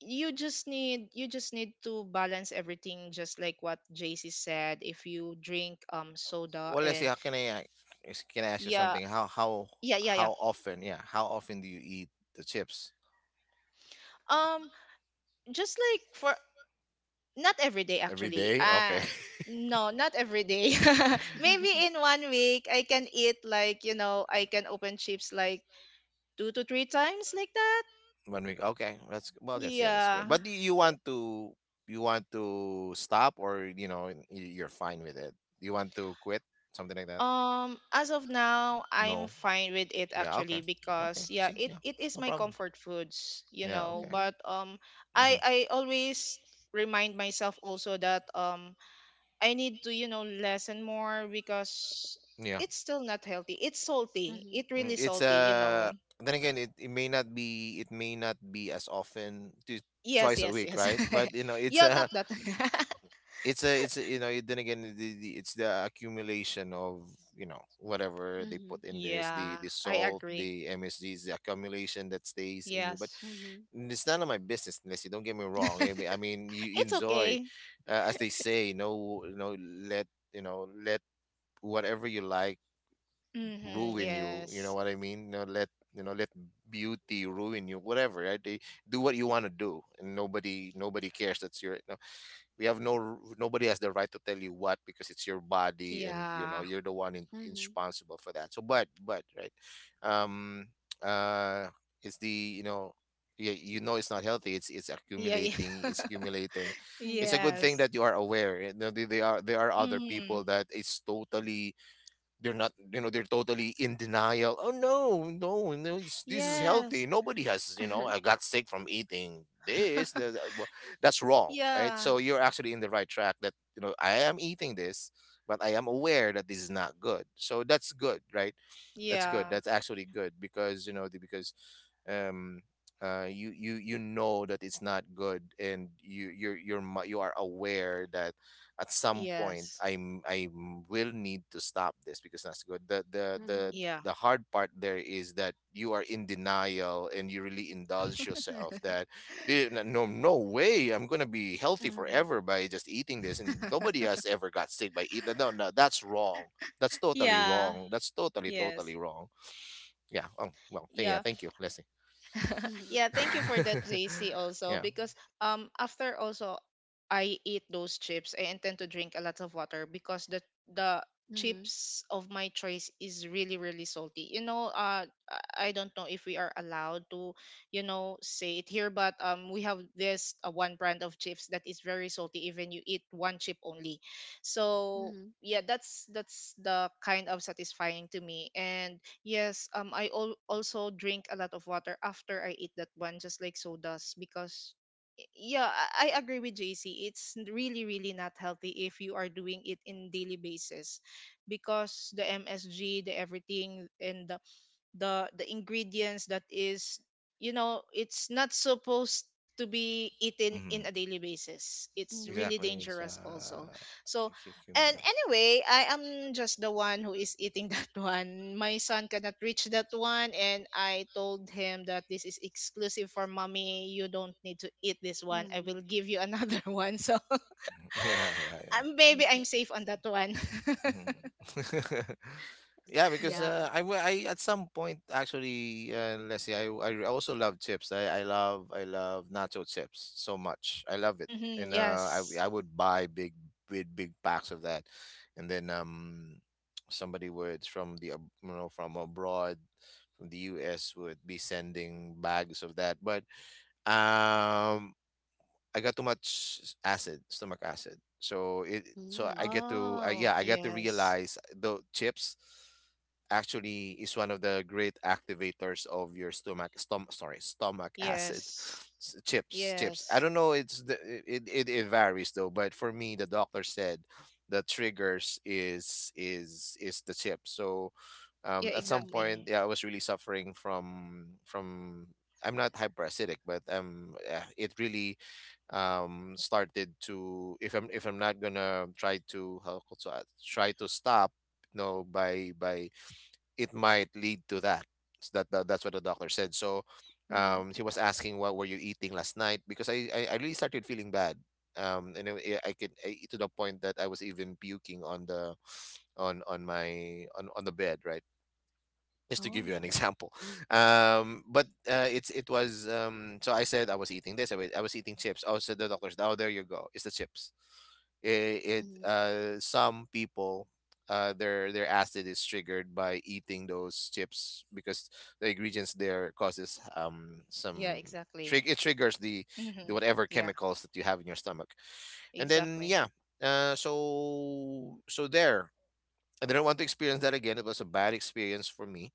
C: you just need to balance everything, just like what JC said, if you drink soda
B: Well, let's see.
C: and
B: How can I, can I ask you
C: yeah
B: something?
C: yeah yeah yeah.
B: How often? Yeah. How often do you eat the chips?
C: um just like for not every day
B: Every
C: actually.
B: day? Okay.
C: No, not every day. Maybe in one week I can eat like, you know, I can open chips like two to three times like that.
B: One week. Okay, that's, well, that's, yeah, that's good.
C: Yeah.
B: But do you want to — stop, or, you know, you're fine with it? You want to quit something like that?
C: As of now I'm
B: No.
C: fine with it
B: Yeah. Okay.
C: actually
B: Okay.
C: because yeah,
B: See.
C: it
B: Yeah.
C: it is
B: No
C: my
B: problem.
C: comfort foods, you
B: Yeah.
C: know,
B: Okay.
A: mm-hmm,
C: but
B: hmm
C: I always remind myself also that I need to, you know, lessen more because
B: Yeah.
C: it's still not healthy. It's salty. It
B: Mm,
C: really
B: it's
C: salty, you know.
B: then again it may not be it may not be as often to
C: Yes,
B: twice a
C: yes,
B: week,
C: yes.
B: right? But you know it's
C: yeah, not that.
B: It's a, then again it's the accumulation of, you know, whatever they
A: mm-hmm,
B: put in there. It's the
C: yeah,
B: the
C: I
B: salt,
C: agree.
B: the msgs, the accumulation that stays in you. But
C: Yes.
A: mm-hmm, mm-hmm,
B: it's none of my business. Unless, you don't get me wrong, I mean, you
C: It's
B: enjoy,
C: okay.
B: as they say, no, you know, let, you know, let whatever you like
C: Mm-hmm.
B: ruin you, you know
C: Yes.
B: what I mean. No, let, you know, let beauty ruin you whatever, right? They do what you want to do, and nobody cares. That's your, we have no, nobody has the right to tell you what, because it's your body and you know
C: Yeah.
B: you're the one in,
A: mm-hmm,
B: responsible for that. So but right. um uh it's the, you know, yeah, you know, it's not healthy, it's
C: Yeah. yeah.
B: accumulating, it's accumulating. It's a
A: mm-hmm,
B: good thing
C: yes.
B: that you are aware, eh, you know. There are other
C: Mm-hmm.
B: people that is totally they're not, you know, they're totally in denial. Oh no, no, no, it's, this is
C: Yes.
B: healthy. Nobody has, you know,
A: uh-huh,
B: I got sick from eating this. That's wrong, right?
C: yeah.
B: So you're actually in the right track. That, you know, I am eating this, but I am aware that this is not good. So that's good, right? That's good.
C: Yeah.
B: That's actually good because, you know, because um you know that it's not good and you you're mi- you are aware that at some point
C: Yes.
B: I will need to stop this. Because that's good,
A: mm-hmm,
C: Yeah.
B: the hard part there is that you are in denial and you really indulge yourself that, "Dude, no, no way I'm gonna be healthy
A: mm-hmm,
B: forever by just eating this, and nobody has ever got sick by eating, no no, that's wrong, that's totally
C: yeah.
B: wrong, that's totally
C: Yes.
B: totally wrong." Yeah. Oh well, yeah,
C: Yeah.
B: thank you, Leslie.
C: Yeah,
A: mm-hmm,
C: thank you for that, JC, also,
B: Yeah.
C: because after also I eat those chips, I intend to drink a lot of water because the the
A: mm-hmm,
C: chips of my choice is really, really salty. You know, I don't know if we are allowed to, you know, say it here, but we have this one brand of chips that is very salty, even you eat one chip only. So
A: mm-hmm,
C: yeah, that's the kind of satisfying to me. And yes, I al also drink a lot of water after I eat that one, just like sodas. Because y- yeah, I agree with JC. It's really, really not healthy if you are doing it in daily basis, because the MSG, the everything, the ingredients that is it's not supposed to be eaten in
B: Mhm.
C: a daily basis. It's
A: mm-hmm,
C: really
B: Exactly, it's
C: dangerous also. So and
B: accumulated.
C: anyway, I am just the one who is eating that one. My son cannot reach that one, and I told him that this is exclusive for mommy. You don't need to eat this one, I
A: hmm.
C: will give you another one. So
B: Yeah, yeah, yeah.
C: maybe I'm safe on that one.
B: Mhm. Yeah, because I, I at some point actually, let's see, I also love chips. I love nacho chips so much. I love it, and
C: Yes.
B: I would buy big packs of that. And then somebody would, from the you know, from abroad, from the U.S., would be sending bags of that. But um I got too much acid, stomach acid. So it, so
A: Yeah.
B: I get to I,
C: Oh
B: yeah, I get to
C: yes.
B: realize the chips actually is one of the great activators of your stomach, stom, sorry, stomach acid.
C: Yes.
B: Chips, chips. I
C: Yes.
B: don't know, it's the, it varies though, but for me the doctor said the triggers is the chip. So
C: Yeah,
B: at some
A: Mhm,
B: point,
C: exactly.
B: yeah, I was really suffering from, I'm not hyperacidic, but it really started to, if I'm not gonna try to, try to stop, you know, by it might lead to that. So that's what the doctor said. So
A: mhm.
B: he was asking, what were you eating last night? Because I really started feeling bad. And I could I, to the point that I was even puking on the, on my on the bed, right? Just to give you
A: Oh.
B: an example. But it's it was, so I said I was eating this, I was eating chips. Oh, said the doctor's, oh there you go, it's the chips. It,
A: Mhm,
B: uh, some people, their acid is triggered by eating those chips, because the ingredients there causes
C: Yeah,
B: some
C: exactly.
B: trig, it triggers the
C: Mm-hmm.
B: whatever
C: Yeah,
B: chemicals that you have in your stomach, and then
C: exactly.
B: yeah. So so there, I didn't want to experience that again. It was a bad experience for me.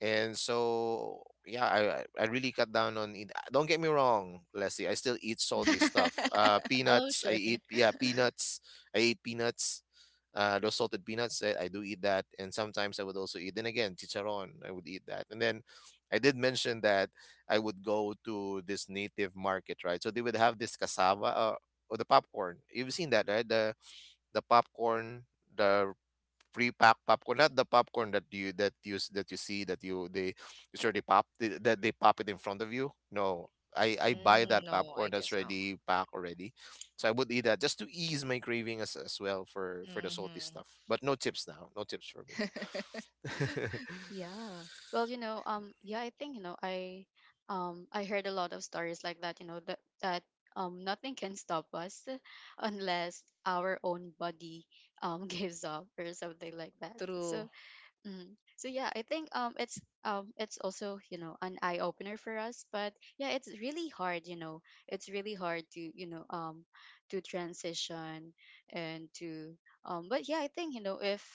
B: And so, yeah, I really cut down on it. Don't get me wrong, Leslie. I still eat salty
A: mhm.
B: stuff.
C: Oh,
B: Peanuts. I
C: sure.
B: eat, yeah, peanuts. I eat peanuts. Those salted peanuts. I do eat that. And sometimes I would also eat, then again, chicharon. I would eat that. And then I did mention that I would go to this native market, right? So they would have this cassava, or the popcorn. You've seen that, right? The popcorn, the pre-packed popcorn, not the popcorn that that you see that you, they, it's already pop, that they pop it in front of you. No, I buy
C: Mm,
B: that
C: no, I
B: popcorn that's
C: guess not.
B: already packed already. So I would eat that just to ease my craving as well for the salty
C: Mm-hmm.
B: stuff. But no chips now, no chips for me.
A: Yeah. Well, you know, yeah, I think, you know, I heard a lot of stories like that, you know, that that nothing can stop us unless our own body gives up or something like that. So,
C: True.
A: Mhm. So yeah, I think it's also, you know, an eye opener for us, but yeah, it's really hard. You know, it's really hard to, you know, to transition and to. But yeah, I think you know if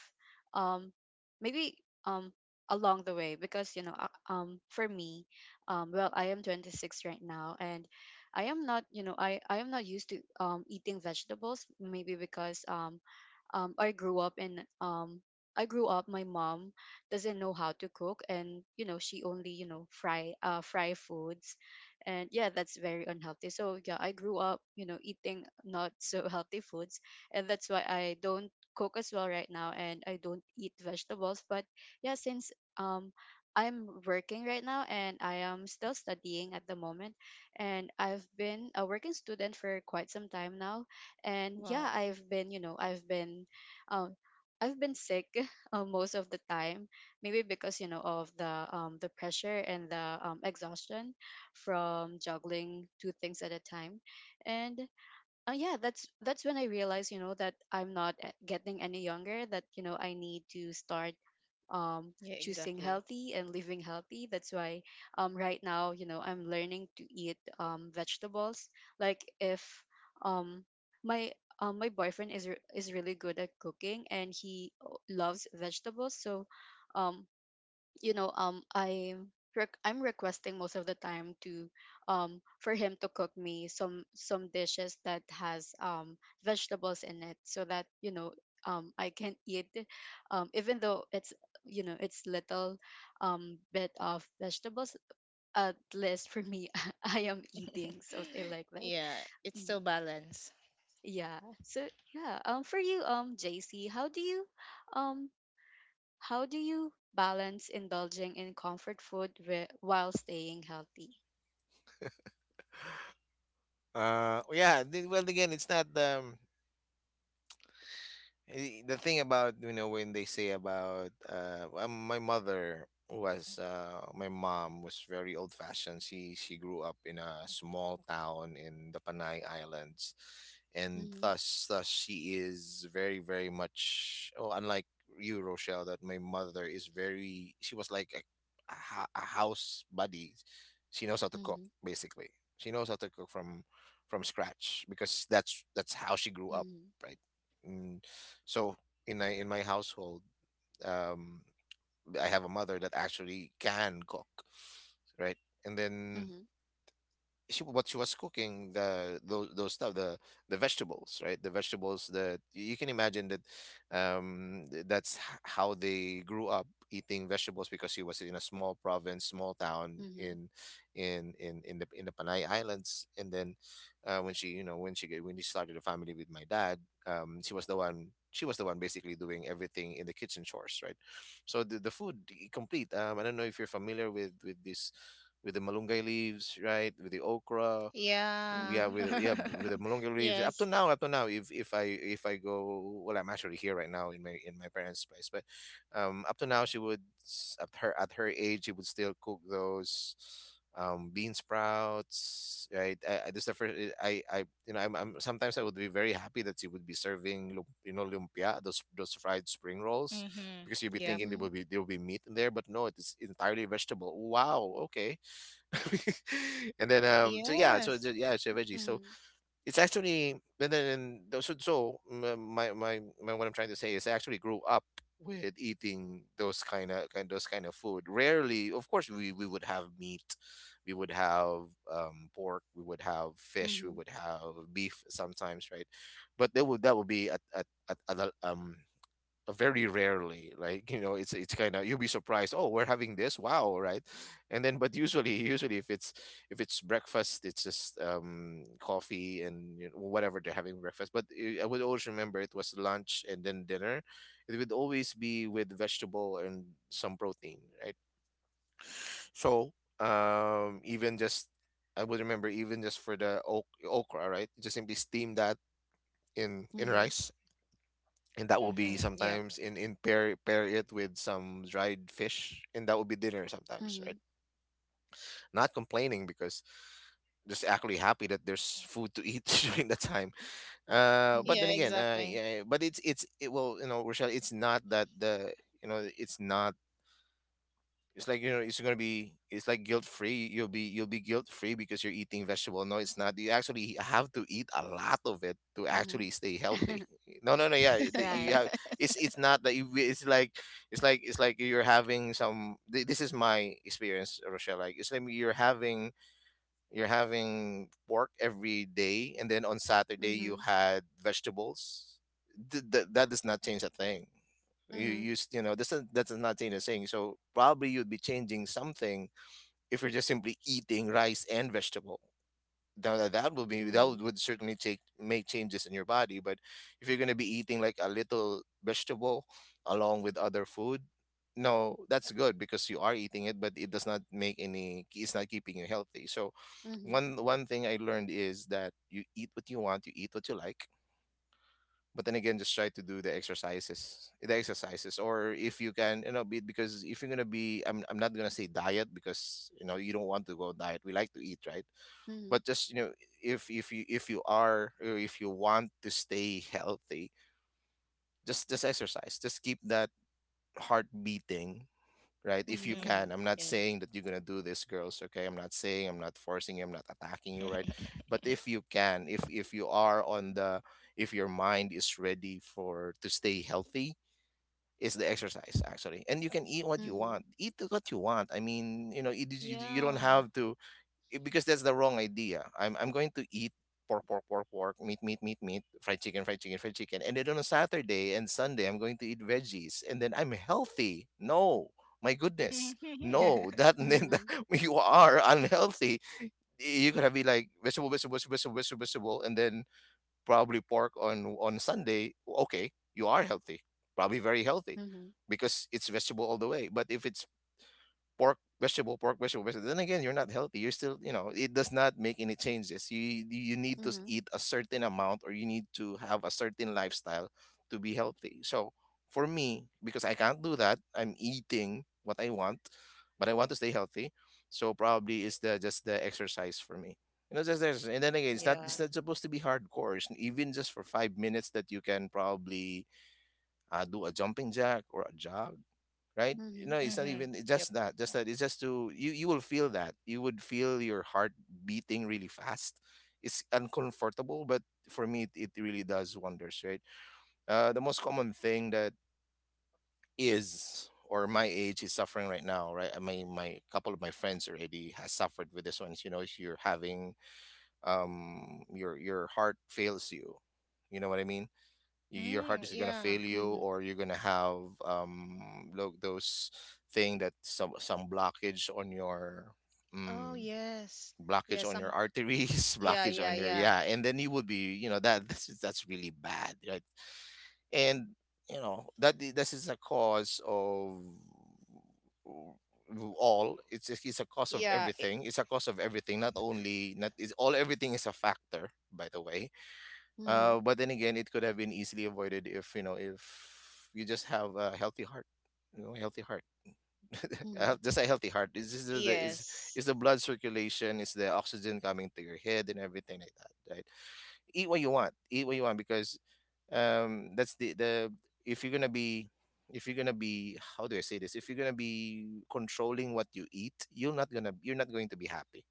A: um maybe um along the way because for me well I am 26 right now and I am not you know I am not used to eating vegetables maybe because I grew up in I grew up. My mom doesn't know how to cook, and you know she only you know fry foods, and yeah, that's very unhealthy. So yeah, I grew up you know eating not so healthy foods, and that's why I don't cook as well right now, and I don't eat vegetables. But yeah, since um I'm working right now and I am still studying at the moment, and I've been a working student for quite some time now and yeah
C: Wow.
A: I've been you know um I've been sick most of the time maybe because you know of the the pressure and the exhaustion from juggling two things at a time and yeah that's when I realized you know that I'm not getting any younger, that you know I need to start um,
C: Yeah,
A: choosing
C: exactly.
A: healthy and living healthy. That's why right now, you know, I'm learning to eat vegetables. Like if um, my my boyfriend is is really good at cooking and he loves vegetables, so um, you know I'm requesting most of the time to for him to cook me some dishes that has vegetables in it so that you know I can eat even though it's you know it's little bit of vegetables, at least for me. I am eating something like that.
C: Yeah, it's
A: Mhm.
C: still balance.
A: Yeah so yeah, for you, JC, how do you um how do you balance indulging in comfort food while staying healthy?
B: Uh, yeah, well again, it's not Eh, the thing about, you know, when they say about, my mother was, my mom was very old fashioned. She she grew up in a small town in the Panay Islands, and
A: Mhm,
B: thus she is very very much, oh, unlike you, Rochelle. That my mother is very, she was like a, a house buddy. She knows how to cook
A: mhm,
B: basically. She knows how to cook from scratch, because that's how she grew up,
A: mhm,
B: right? Mm, so in my, in my household, um, I have a mother that actually can cook, right? And then, she, what she was cooking, the those stuff, the vegetables, right? The vegetables that you can imagine that, that's how they grew up eating vegetables, because she was in a small province, small town
A: mhm,
B: in, in the, in the Panay Islands. And then when she, you know, when she when she started a family with my dad, she was the one, she was the one basically doing everything in the kitchen chores, right? So the food, complete, I don't know if you're familiar with this, with the malunggay leaves, right? With the okra,
C: Yeah.
B: yeah,
A: mhm,
B: with, yeah, with the malunggay leaves.
C: Yes.
B: Up to now, if, if I go, well, I'm actually here right now in my, in my parents' place, but up to now she would at her, at her age she would still cook those bean sprouts, right? This is the first. I You know, I'm sometimes I would be very happy that she would be serving you know, lumpia, those fried spring rolls,
C: Mm-hmm.
B: because you'd be
C: Yep.
B: thinking there will
A: mhm,
B: be, there will be meat in there, but no, it is entirely vegetable. Wow, okay. And then, so yeah,
C: Yes.
B: yeah, it's a veggie. So
A: mhm,
B: it's actually, and then, and so, so mm, my what I'm trying to say is, I actually grew up with eating those kind of, kind those kind of food rarely. Of course we would have meat, we would have pork, we would have fish, we
A: mhm,
B: would have beef sometimes, right? But that would, that would be at, at the, very rarely, like, you know, it's kind of, you'll be surprised, oh we're having this, wow, right? And then, but usually, usually if it's, if it's breakfast, it's just coffee, and you know, whatever they're having breakfast. But I would always remember, it was lunch and then dinner, it would always be with vegetable and some protein, right? So even just, I would remember, even just for the okra, right? Just simply steam that in
A: mhm,
B: rice, and that will be
C: Mm-hmm. Yep.
B: sometimes, in, pair it with some dried fish, and that will be dinner
A: mhm,
B: sometimes, right?
A: mhm,
B: Not complaining, because just actually happy that there's food to eat during the time. But
C: Yeah,
B: then
A: mhm,
B: again,
C: exactly.
B: yeah, but it's, it will, you know, Rochelle, it's not that the, you know it's not, it's like, you know, it's gonna be, it's like guilt free. You'll be guilt free because you're eating vegetable. No, it's not. You actually have to eat a lot of it to
A: mhm.
B: actually stay healthy. No, no, no. Yeah, you
A: Right.
B: have. It's not that you, it's like, it's like it's like you're having some, this is my experience, Rochelle. Like, it's like you're having, you're having pork every day, and then on Saturday you
A: Mhm,
B: had vegetables. That does not change a thing. You
A: mhm,
B: use, you know, this, is that does not change a thing. So probably you'd be changing something if you're just simply eating rice and vegetable now that will be that
A: mhm,
B: would certainly take make changes in your body. But if you're going to be eating like a little vegetable along with other food, no that's good because you are eating it, but it does not make any, it's not keeping you healthy. So
A: mhm,
B: one thing I learned is that you eat what you want, you eat what you like, but then again just try to do the exercises, the exercises, or if you can, you know, be because if you're going to be, I'm not going to say diet because you know you don't want to go diet, we like to eat, right?
A: mhm,
B: But just, you know, if you, if you are, or if you want to stay healthy, just exercise, just keep that heart beating, right? If you
A: mhm,
C: Mm-hmm.
B: can, I'm not
C: Yeah.
B: saying that you're going to do this, girls, okay? I'm not saying, I'm not forcing you, I'm not attacking you, right? But if you can, if you are on the, if your mind is ready for to stay healthy, is the exercise actually, and you can eat what you
A: mhm,
B: want, eat what you want. I mean, you know, it, is- you don't
C: Yeah.
B: have to because that's the wrong idea. I'm going to eat pork, pork, pork, pork, meat, meat, meat, meat, fried chicken, fried chicken, fried chicken, and then on a Saturday and Sunday I'm going to eat veggies, and then I'm healthy. No, my goodness, no, that then that-
A: mhm,
B: you are unhealthy. You're gonna be like vegetable, vegetable, vegetable, vegetable, vegetable, vegetable, and then probably pork on Sunday. Okay, you are healthy, probably very healthy,
A: mhm,
B: because it's vegetable all the way. But if it's pork, vegetable, vegetable. Then again, you're not healthy. You're still, you know, it does not make any changes. You need to
A: mhm,
B: eat a certain amount, or you need to have a certain lifestyle to be healthy. So for me, because I can't do that, I'm eating what I want, but I want to stay healthy. So probably it's the just the exercise for me. You know, just there's, and then again, it's not
C: Yeah.
B: it's not supposed to be hardcore. It's even just for 5 minutes that you can probably do a jumping jack or a jog, right? You
A: mhm,
B: know, it's not
C: Mm-hmm.
B: even, it's
C: Yep.
B: just that, just that. It's just to you. You will feel that. You would feel your heart beating really fast. It's uncomfortable, but for me, it really does wonders, right? The most common thing that is, or my age is suffering right now, right? I mean, my couple of my friends already has suffered with this ones. You know, if you're having your heart fails you, you know what I mean? Y- your
C: Mm,
B: heart is gonna
C: yeah.
B: fail you,
A: mhm,
B: or you're gonna have look those thing that some blockage on your
C: Oh,
B: mm,
C: yes. Yeah,
B: blockage on your
C: some
B: arteries
C: yeah,
B: blockage
C: yeah,
B: on your,
C: yeah.
B: yeah, and then you would be, you know, that that's really bad, right? And you know that I- this is a cause of w- all, it's a cause of
C: Yeah,
B: everything, it's a cause of everything, not only not, it's all, everything is a factor, by the way.
A: mhm,
B: But then again, it could have been easily avoided if you know, if you just have a healthy heart, you know, healthy heart,
A: mhm.
B: just a healthy heart. It's just the
C: yes.
B: is the blood circulation, is the oxygen coming to your head and everything like that, right? Eat what you want, eat what you want, because that's the if you're gonna be, how do I say this? If you're gonna be controlling what you eat, you're not going to be happy.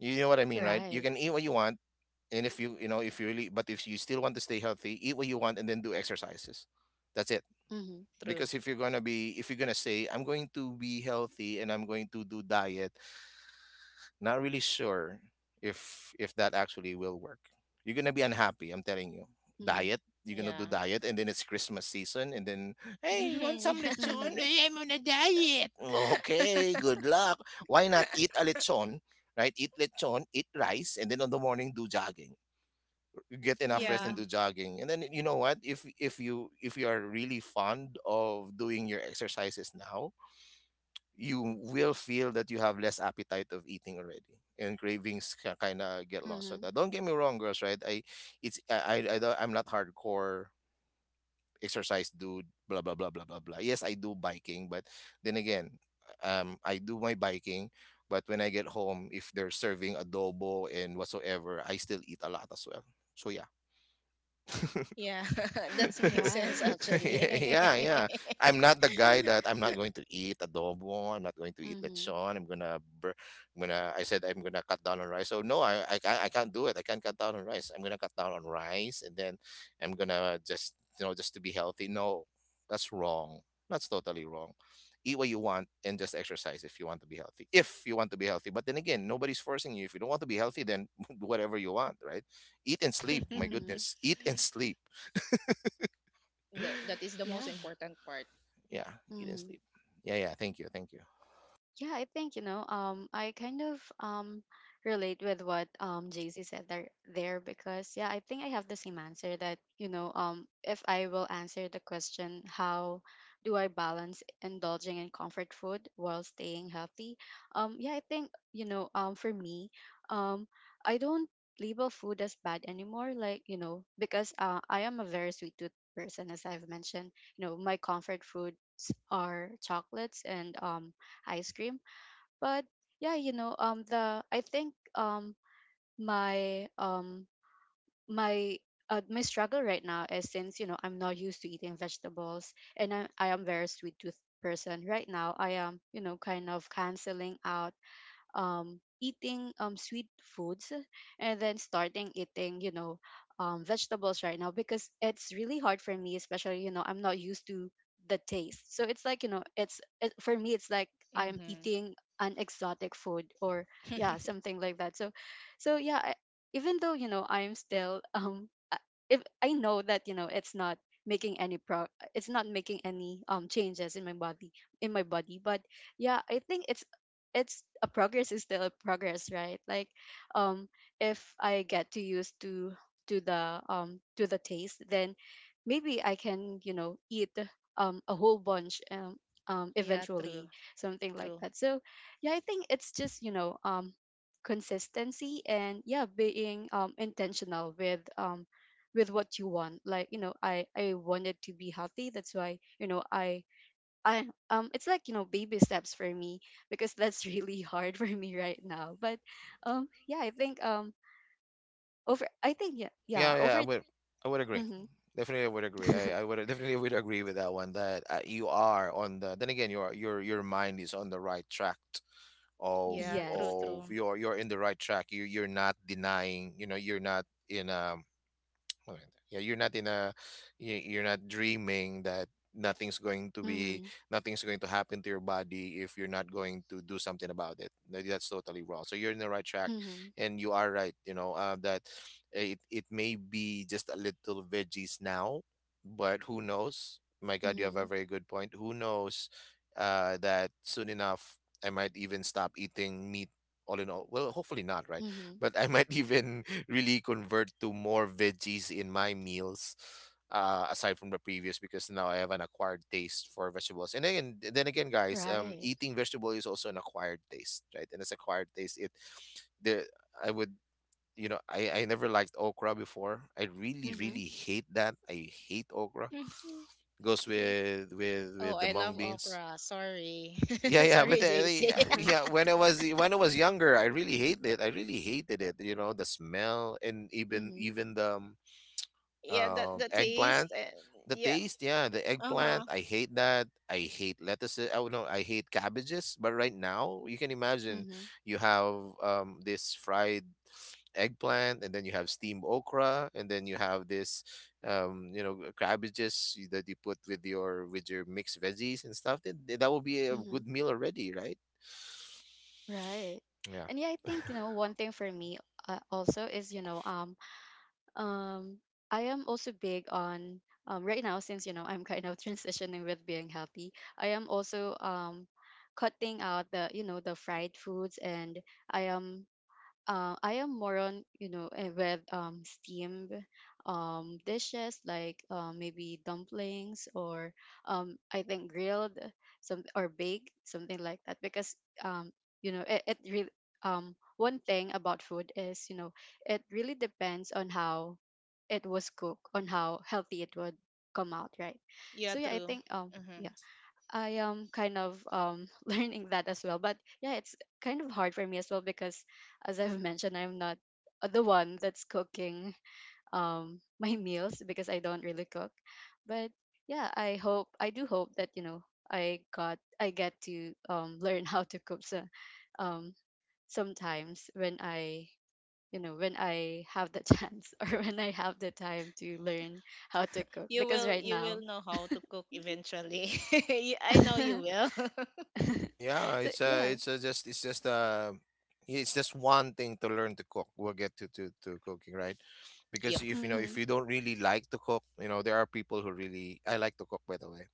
B: You know what I mean, right? You
A: Right.
B: can eat what you want, and if you, you know, if you really, but if you still want to stay healthy, eat what you want and then do exercises, that's it.
A: Mhm,
C: True.
B: Because if you're going to be, if you're going to say, I'm going to be healthy and I'm going to do diet, not really sure if that actually will work, you're going to be unhappy, I'm telling you.
A: mhm,
B: Diet, you're going to do
C: Yeah.
B: diet, and then it's Christmas season, and then hey, want
C: Yeah.
B: some lechon?
A: mhm,
B: Hey, I'm on a diet. Okay, good luck. Why not eat a lechon? Right, eat lechon, eat rice, and then on the morning do jogging, get enough rest
C: Yeah.
B: and do
A: mhm,
B: jogging. And then, you know what, if if you are really fond of doing your exercises now, you will feel that you have less appetite of eating already, and cravings can kind of get lost. So
A: mhm.
B: that, don't get me wrong, girls, right? I, it's I don't, I'm not hardcore exercise dude, blah blah blah blah blah blah. Yes, I do biking, but then again, I do my biking, but when I get home, if they're serving adobo and whatsoever, I still eat a lot as well. So yeah.
C: Yeah. That makes sense,
A: Right.
C: actually.
B: Yeah, yeah. I'm not the guy that I'm not going to eat adobo. I'm not going to eat
A: Mhm,
B: lechon. I'm gonna, I said I'm gonna cut down on rice. So no, I can't. I can't do it. I can't cut down on rice. I'm gonna cut down on rice, and then I'm gonna just, you know, just to be healthy. No, that's wrong. That's totally wrong. Eat what you want and just exercise if you want to be healthy. If you want to be healthy, but then again, nobody's forcing you. If you don't want to be healthy, then do whatever you want, right? Eat and sleep. My
A: mhm.
B: goodness, eat and sleep.
C: That that is the most
A: Yeah.
C: important part.
B: Yeah, you didn't
A: Mhm.
B: sleep. Yeah, yeah. Thank you, thank you.
A: Yeah, I think, you know, I kind of relate with what Jay Z said there because, yeah, I think I have the same answer that, you know, if I will answer the question, how do I balance indulging in comfort food while staying healthy? Yeah, I think, you know, for me, um, I don't label food as bad anymore, like, you know, because I am a very sweet tooth person, as I've mentioned. You know, my comfort foods are chocolates and ice cream. But yeah, you know, the I think my my my struggle right now is since you know I'm not used to eating vegetables and I am very sweet tooth person right now. I am you know kind of canceling out eating sweet foods and then starting eating, you know, vegetables right now because it's really hard for me, especially, you know, I'm not used to the taste. So it's like, you know, for me, it's like I'm
C: Mm-hmm.
A: eating an exotic food or yeah, something like that. So yeah, I, even though, you know, I'm still, if I know that, you know, making any pro it's not making any changes in my body in my body, but yeah I think it's a progress, is still a progress right, like um if I get to use to to the taste, then maybe I can you know eat a whole bunch,
C: Yeah, true.
A: eventually something like
C: True.
A: that. So yeah I think it's just you know consistency and yeah being intentional with what you want, like you know I wanted to be healthy, that's why you know I it's like you know baby steps for me because that's really hard for me right now. But yeah, I think yeah yeah
B: Yeah, yeah.
A: over
B: I would agree.
A: mm-hmm,
B: Definitely, I would agree. I would definitely would agree with that one. That you are on the. Then again, your mind is on the right track of
C: Yeah, true,
A: yes
B: of
C: true.
B: you're in the right track. You, you're not denying. You know, you're not in a Maganda. Yeah, you're not in a, you- you're not dreaming that nothing's going to be,
A: mm-hmm,
B: nothing's going to happen to your body if you're not going to do something about it. No, that's totally wrong. So you're in the right track,
A: mm-hmm,
B: and you are right, you know, that it may be just a little veggies now, but who knows? My God, you have
A: mm-hmm,
B: a very good point. Who knows that soon enough I might even stop eating meat all in all. Well, hopefully not, right?
A: mm-hmm,
B: But I might even really convert to more veggies in my meals, aside from the previous, because now I have an acquired taste for vegetables. And then again, guys,
A: right
B: eating vegetable is also an acquired taste, right? And it's acquired taste. It, the I would, you know, I never liked okra before. I really
A: mm-hmm,
B: really hate that. I hate okra. Goes with with
C: Oh,
B: with the
C: I
B: mung
C: love
B: beans.
C: okra. Sorry.
B: Yeah, yeah, but
C: Sorry, JC.
B: yeah, yeah, when I was when I was younger, I really hated it. I really hated it. You know, the smell and
A: mm-hmm,
B: even the
C: Yeah, the
B: eggplant.
C: taste and
B: The
C: yeah.
B: taste, yeah, the
C: Uh-huh.
B: eggplant, I hate that. I hate lettuces. Oh no, I hate cabbages. But right now, you can imagine
A: mm-hmm,
B: you have this fried eggplant, and then you have steamed okra, and then you have this you know cabbages y- that you put with your mixed veggies and stuff. Then th- that will be a
A: mm-hmm,
B: good meal already, right?
A: right.
B: Yeah.
A: And yeah, I think you know one thing for me also is you know Um, I am also big on right now since you know I'm kind of transitioning with being healthy. I am also cutting out the you know the fried foods, and I am I am more on you know eh, with steamed dishes like maybe dumplings or I think grilled some or baked something like that because um, you know it really one thing about food is you know it really depends on how it was cooked, on how healthy it would come out, right?
C: Yeah,
A: So yeah I
C: true.
A: think
C: Hmm.
A: I am kind of learning that as well. But yeah, it's kind of hard for me as well because, as I've mentioned, I'm not the one that's cooking my meals because I don't really cook. But yeah, I hope, I do hope that you know I get to learn how to cook, so, um, sometimes when I you know when I have the chance, or when I have the time to learn how to cook
C: You
A: because
C: will,
A: right
C: you
A: now
C: will know how to cook eventually. You- I
A: so
C: know you will.
B: Yeah,
A: yeah
B: it's just it's just it's just one thing to learn to cook. We'll get to cooking, right? Because
C: Yep.
B: if you know, if
A: Mhm,
B: you don't really like to cook, you know there are people who really, I like to cook, by the way.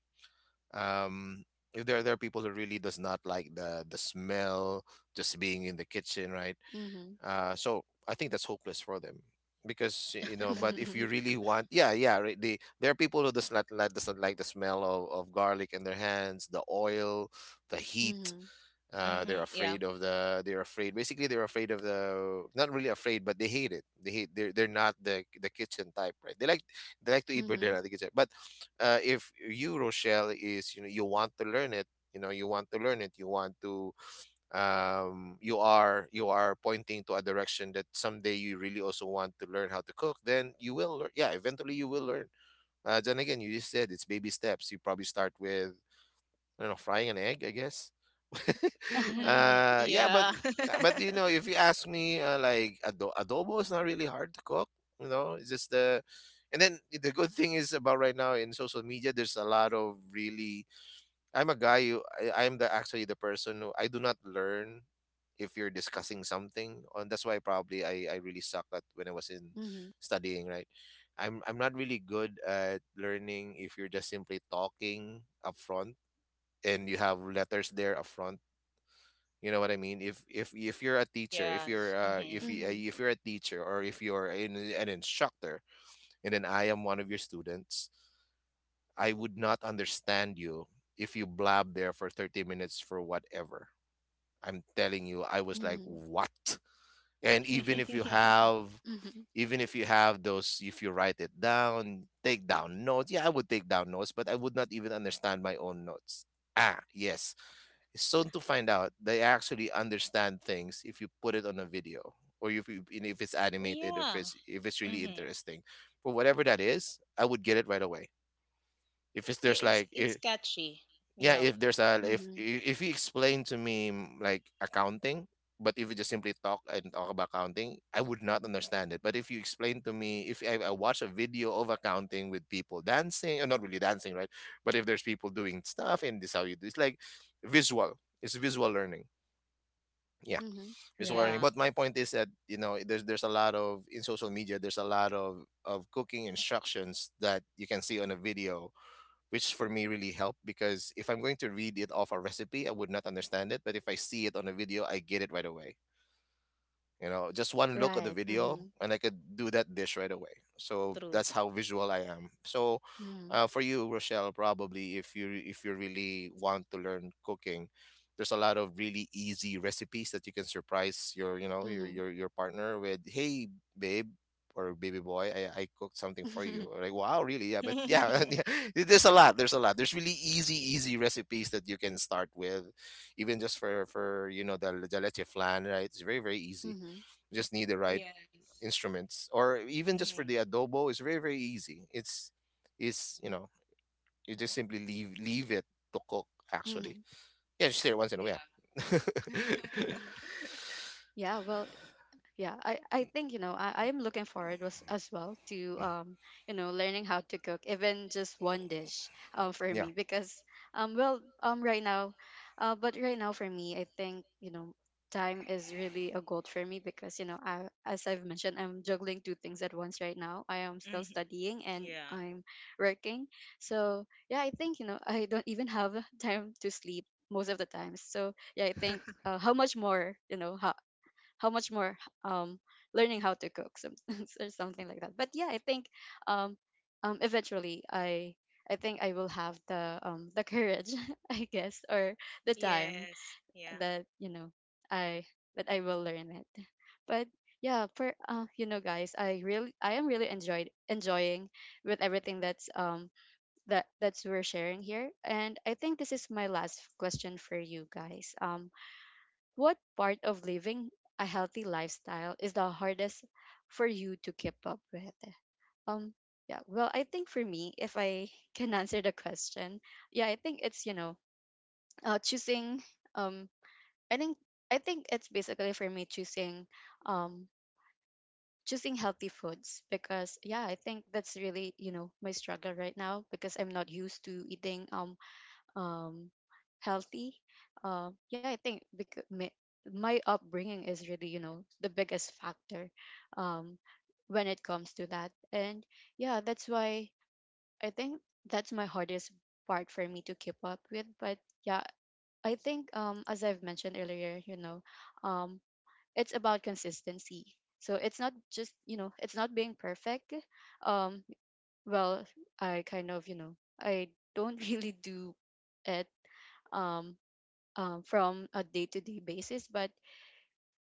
B: Um, if there, there are people who really does not like the smell just being in the kitchen, right?
A: mhm.
B: So I think that's hopeless for them because you know. But if you
A: Mhm,
B: really want, yeah, yeah, right. There are people who does not like doesn't like the smell of garlic in their hands, the oil, the heat,
C: Mm-hmm.
B: they're
C: Yeah.
B: afraid of they're afraid, basically they're afraid of the, not really afraid but they hate it, they hate, they're not the kitchen type, right? They like they like to eat but they're
A: mhm.
B: not the kitchen. But if you, Rochelle, is you know you want to learn it, you know you want to learn it, you want to, you are pointing to a direction that someday you really also want to learn how to cook, then you will learn. Yeah, eventually you will learn. Then again, you just said it's baby steps. You probably start with, I don't know, frying an egg, I guess.
A: Mhm,
C: Mm-hmm.
B: Yeah,
C: Yeah.
B: but you know, if you ask me, like adobo is not really hard to cook, you know. It's just the, and then the good thing is about right now in social media, there's a lot of really, I'm a guy who I'm the actually the person who I do not learn if you're discussing something, and that's why probably I really suck at when I was in
A: mhm,
B: studying, right? I'm not really good at learning if you're just simply talking up front and you have letters there up front. You know what I mean? If you're a teacher, if you're
C: Yes.
B: if
C: Mm-hmm.
B: you,
A: mhm,
B: if you're a teacher or if you're an instructor, and then I am one of your students, I would not understand you if you blab there for 30 minutes for whatever. I'm telling you, I was like,
A: mhm,
B: "What?" And even if you have even if you have those, if you write it down, take down notes. Yeah, I would take down notes, but I would not even understand my own notes. Ah, yes. It's soon to find out they actually understand things if you put it on a video, or if you, and if it's animated, or
C: Yeah.
B: if it's really
C: Mm-hmm.
B: interesting. For whatever that is, I would get it right away. If it's
C: Yeah,
B: there's like
C: it's
B: I
C: catchy.
B: Yeah,
C: Yeah.
B: if there's a
A: mhm,
B: if you explain to me, like accounting, but if you just simply talk and talk about accounting, I would not understand it. But if you explain to me, if I watch a video of accounting with people dancing, or not really dancing, right? But if there's people doing stuff and this how you do, it's like visual. It's visual learning, yeah.
A: mhm.
B: Miss warning,
A: Right,
C: Yeah,
B: but my point is that, you know, there's a lot of, in social media there's a lot of cooking instructions that you can see on a video, which for me really helped, because if I'm going to read it off a recipe I would not understand it, but if I see it on a video I get it right away. You know, just one look at the
A: right.
B: video
A: Mhm,
B: and I could do that dish right away. So
C: true.
B: that's how visual I am. So
A: mhm,
B: for you, Rochelle, probably if you really want to learn cooking, there's a lot of really easy recipes that you can surprise your, you know,
A: mhm.
B: your partner with. Hey, babe, or baby boy, I cooked something for you. Like, wow, really? Yeah, but yeah, and yeah, there's a lot. There's a lot. There's really easy recipes that you can start with, even just for you know the leche flan. Right, it's very very easy,
A: Mhm,
B: just need the right
C: Yes.
B: instruments. Or even just
C: Mm-hmm.
B: for the adobo, it's very very easy. It's, you know, you just simply leave it to cook, actually.
A: mhm.
B: Yeah, just stir it once in a
C: Yeah.
B: while.
A: Yeah, well, yeah I think you know I am looking forward, as well, to you know learning how to cook, even just one dish, for
B: Yeah.
A: me because well, right now but right now for me I think you know time is really a gold for me because you know I, as I've mentioned, I'm juggling two things at once right now, I am still
C: Mhm.
A: studying and
C: Yeah.
A: I'm working. So yeah I think you know I don't even have time to sleep most of the times, so yeah I think how much more you know how much more um learning how to cook some or something like that. But yeah I think um eventually I think I will have the courage I guess, or the time
C: Yes. Yeah.
A: that you know I that I will learn it. But yeah, for you know guys, I am really enjoyed enjoying with everything that's we're sharing here, and I think this is my last question for you guys. What part of living a healthy lifestyle is the hardest for you to keep up with? Um, yeah, well, I think for me, if I can answer the question, yeah, I think it's, you know, uh, choosing, um, I think, I think it's basically for me choosing, um, choosing healthy foods because yeah I think that's really you know my struggle right now because I'm not used to eating um, healthy. Yeah, I think because my upbringing is really, you know, the biggest factor um, when it comes to that. And yeah, that's why I think that's my hardest part for me to keep up with. But yeah, I think as I've mentioned earlier, you know, um, it's about consistency. So it's not just, you know, it's not being perfect. Um, well I kind of you know I don't really do it um, from a day-to-day basis, but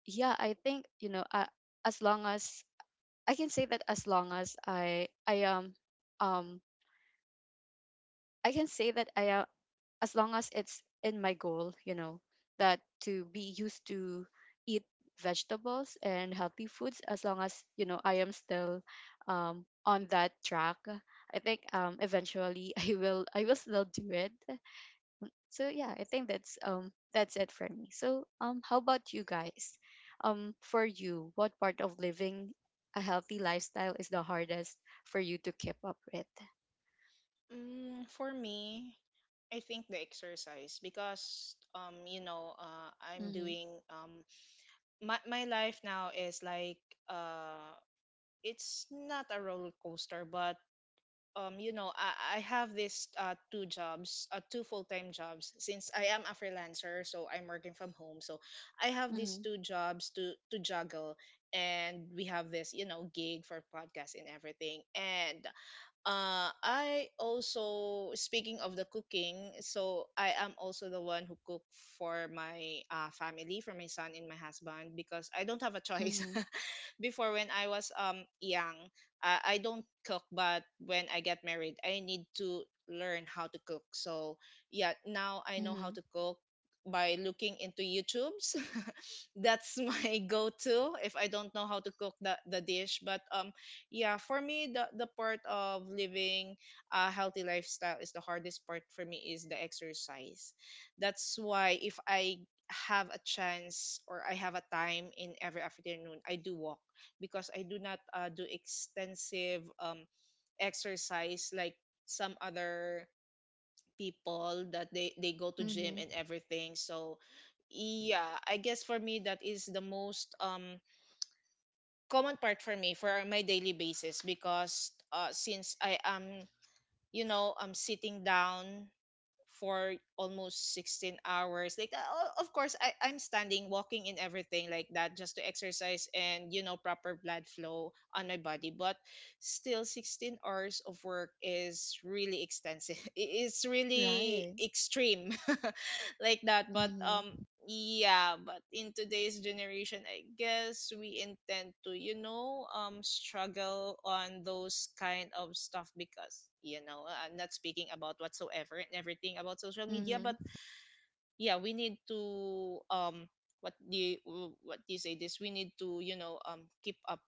A: yeah I think you know I, as long as I can say that, as long as I am um, I can say that I as long as it's in my goal, you know, that to be used to eat vegetables and healthy foods, as long as, you know, I am still on that track, I think eventually I will, I will still do it. So yeah I think that's it for me. So how about you guys? For you, what part of living a healthy lifestyle is the hardest for you to keep up with?
C: Mm, for me, I think the exercise, because you know, I'm
A: Mm-hmm.
C: doing my my life now is like, uh it's not a roller coaster, but you know, I have this two jobs, two full-time jobs, since I am a freelancer, so I'm working from home. So I have these
A: Mm-hmm.
C: two jobs to juggle, and we have this, you know, gig for podcast and everything. And I also speaking of the cooking, so I am also the one who cook for my family, for my son and my husband, because I don't have a choice.
A: Mm-hmm.
C: Before when I was young, I don't cook, but when I get married, I need to learn how to cook. So yeah, now I know how
A: mm-hmm.
C: to cook by looking into YouTube's. That's my go-to if I don't know how to cook the dish. But yeah, for me the part of living a healthy lifestyle is the hardest part for me is the exercise. That's why if I have a chance or I have a time, in every afternoon I do walk, because I do not do extensive exercise like some other people that they go to gym
A: Mhm.
C: and everything. So yeah, I guess for me that is the most common part for me for my daily basis, because since I am, you know, I'm sitting down for almost 16 hours. Like of course I'm standing, walking in everything like that, just to exercise and, you know, proper blood flow on my body. But still 16 hours of work is really extensive. It's really
A: Right.
C: extreme. Like that. But
A: Mhm.
C: yeah, but in today's generation, I guess we intend to, you know, struggle on those kind of stuff, because, you know, I'm not speaking about whatsoever and everything about social media.
A: Mhm.
C: But yeah, we need to, what do you, what do you say this? We need to, you know, keep up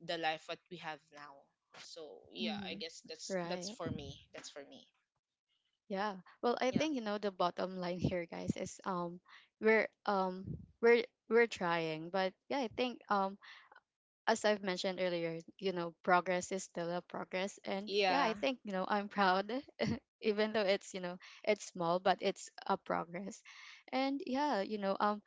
C: the life what we have now. So yeah, I
A: Mhm.
C: guess that's
A: Right.
C: for me. That's for me.
A: Yeah. Well, I
C: Yeah.
A: think you know the bottom line here, guys, is we're um we're trying, but yeah I think as I've mentioned earlier, you know, progress is still a progress, and yeah I
C: Yeah.
A: think you know I'm proud, even though it's you know it's small, but it's a progress, and yeah, you know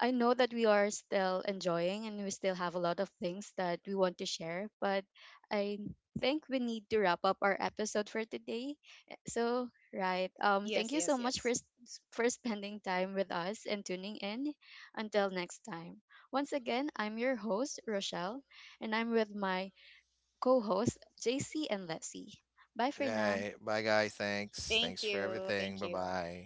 A: I know that we are still enjoying and we still have a lot of things that we want to share, but I think we need to wrap up our episode for today. So, right. Thank
C: Yes.
A: you so
C: Yes.
A: much for
C: Yes.
A: for spending time with us and tuning in. Until next time. Once again, I'm your host, Rochelle, and I'm with my co-hosts, JC and Leslie. Bye for
B: Yeah.
A: now.
B: Bye, guys. Thanks. Thanks
C: Thank
B: for
C: you.
B: everything. Bye
C: Thank you.
B: bye.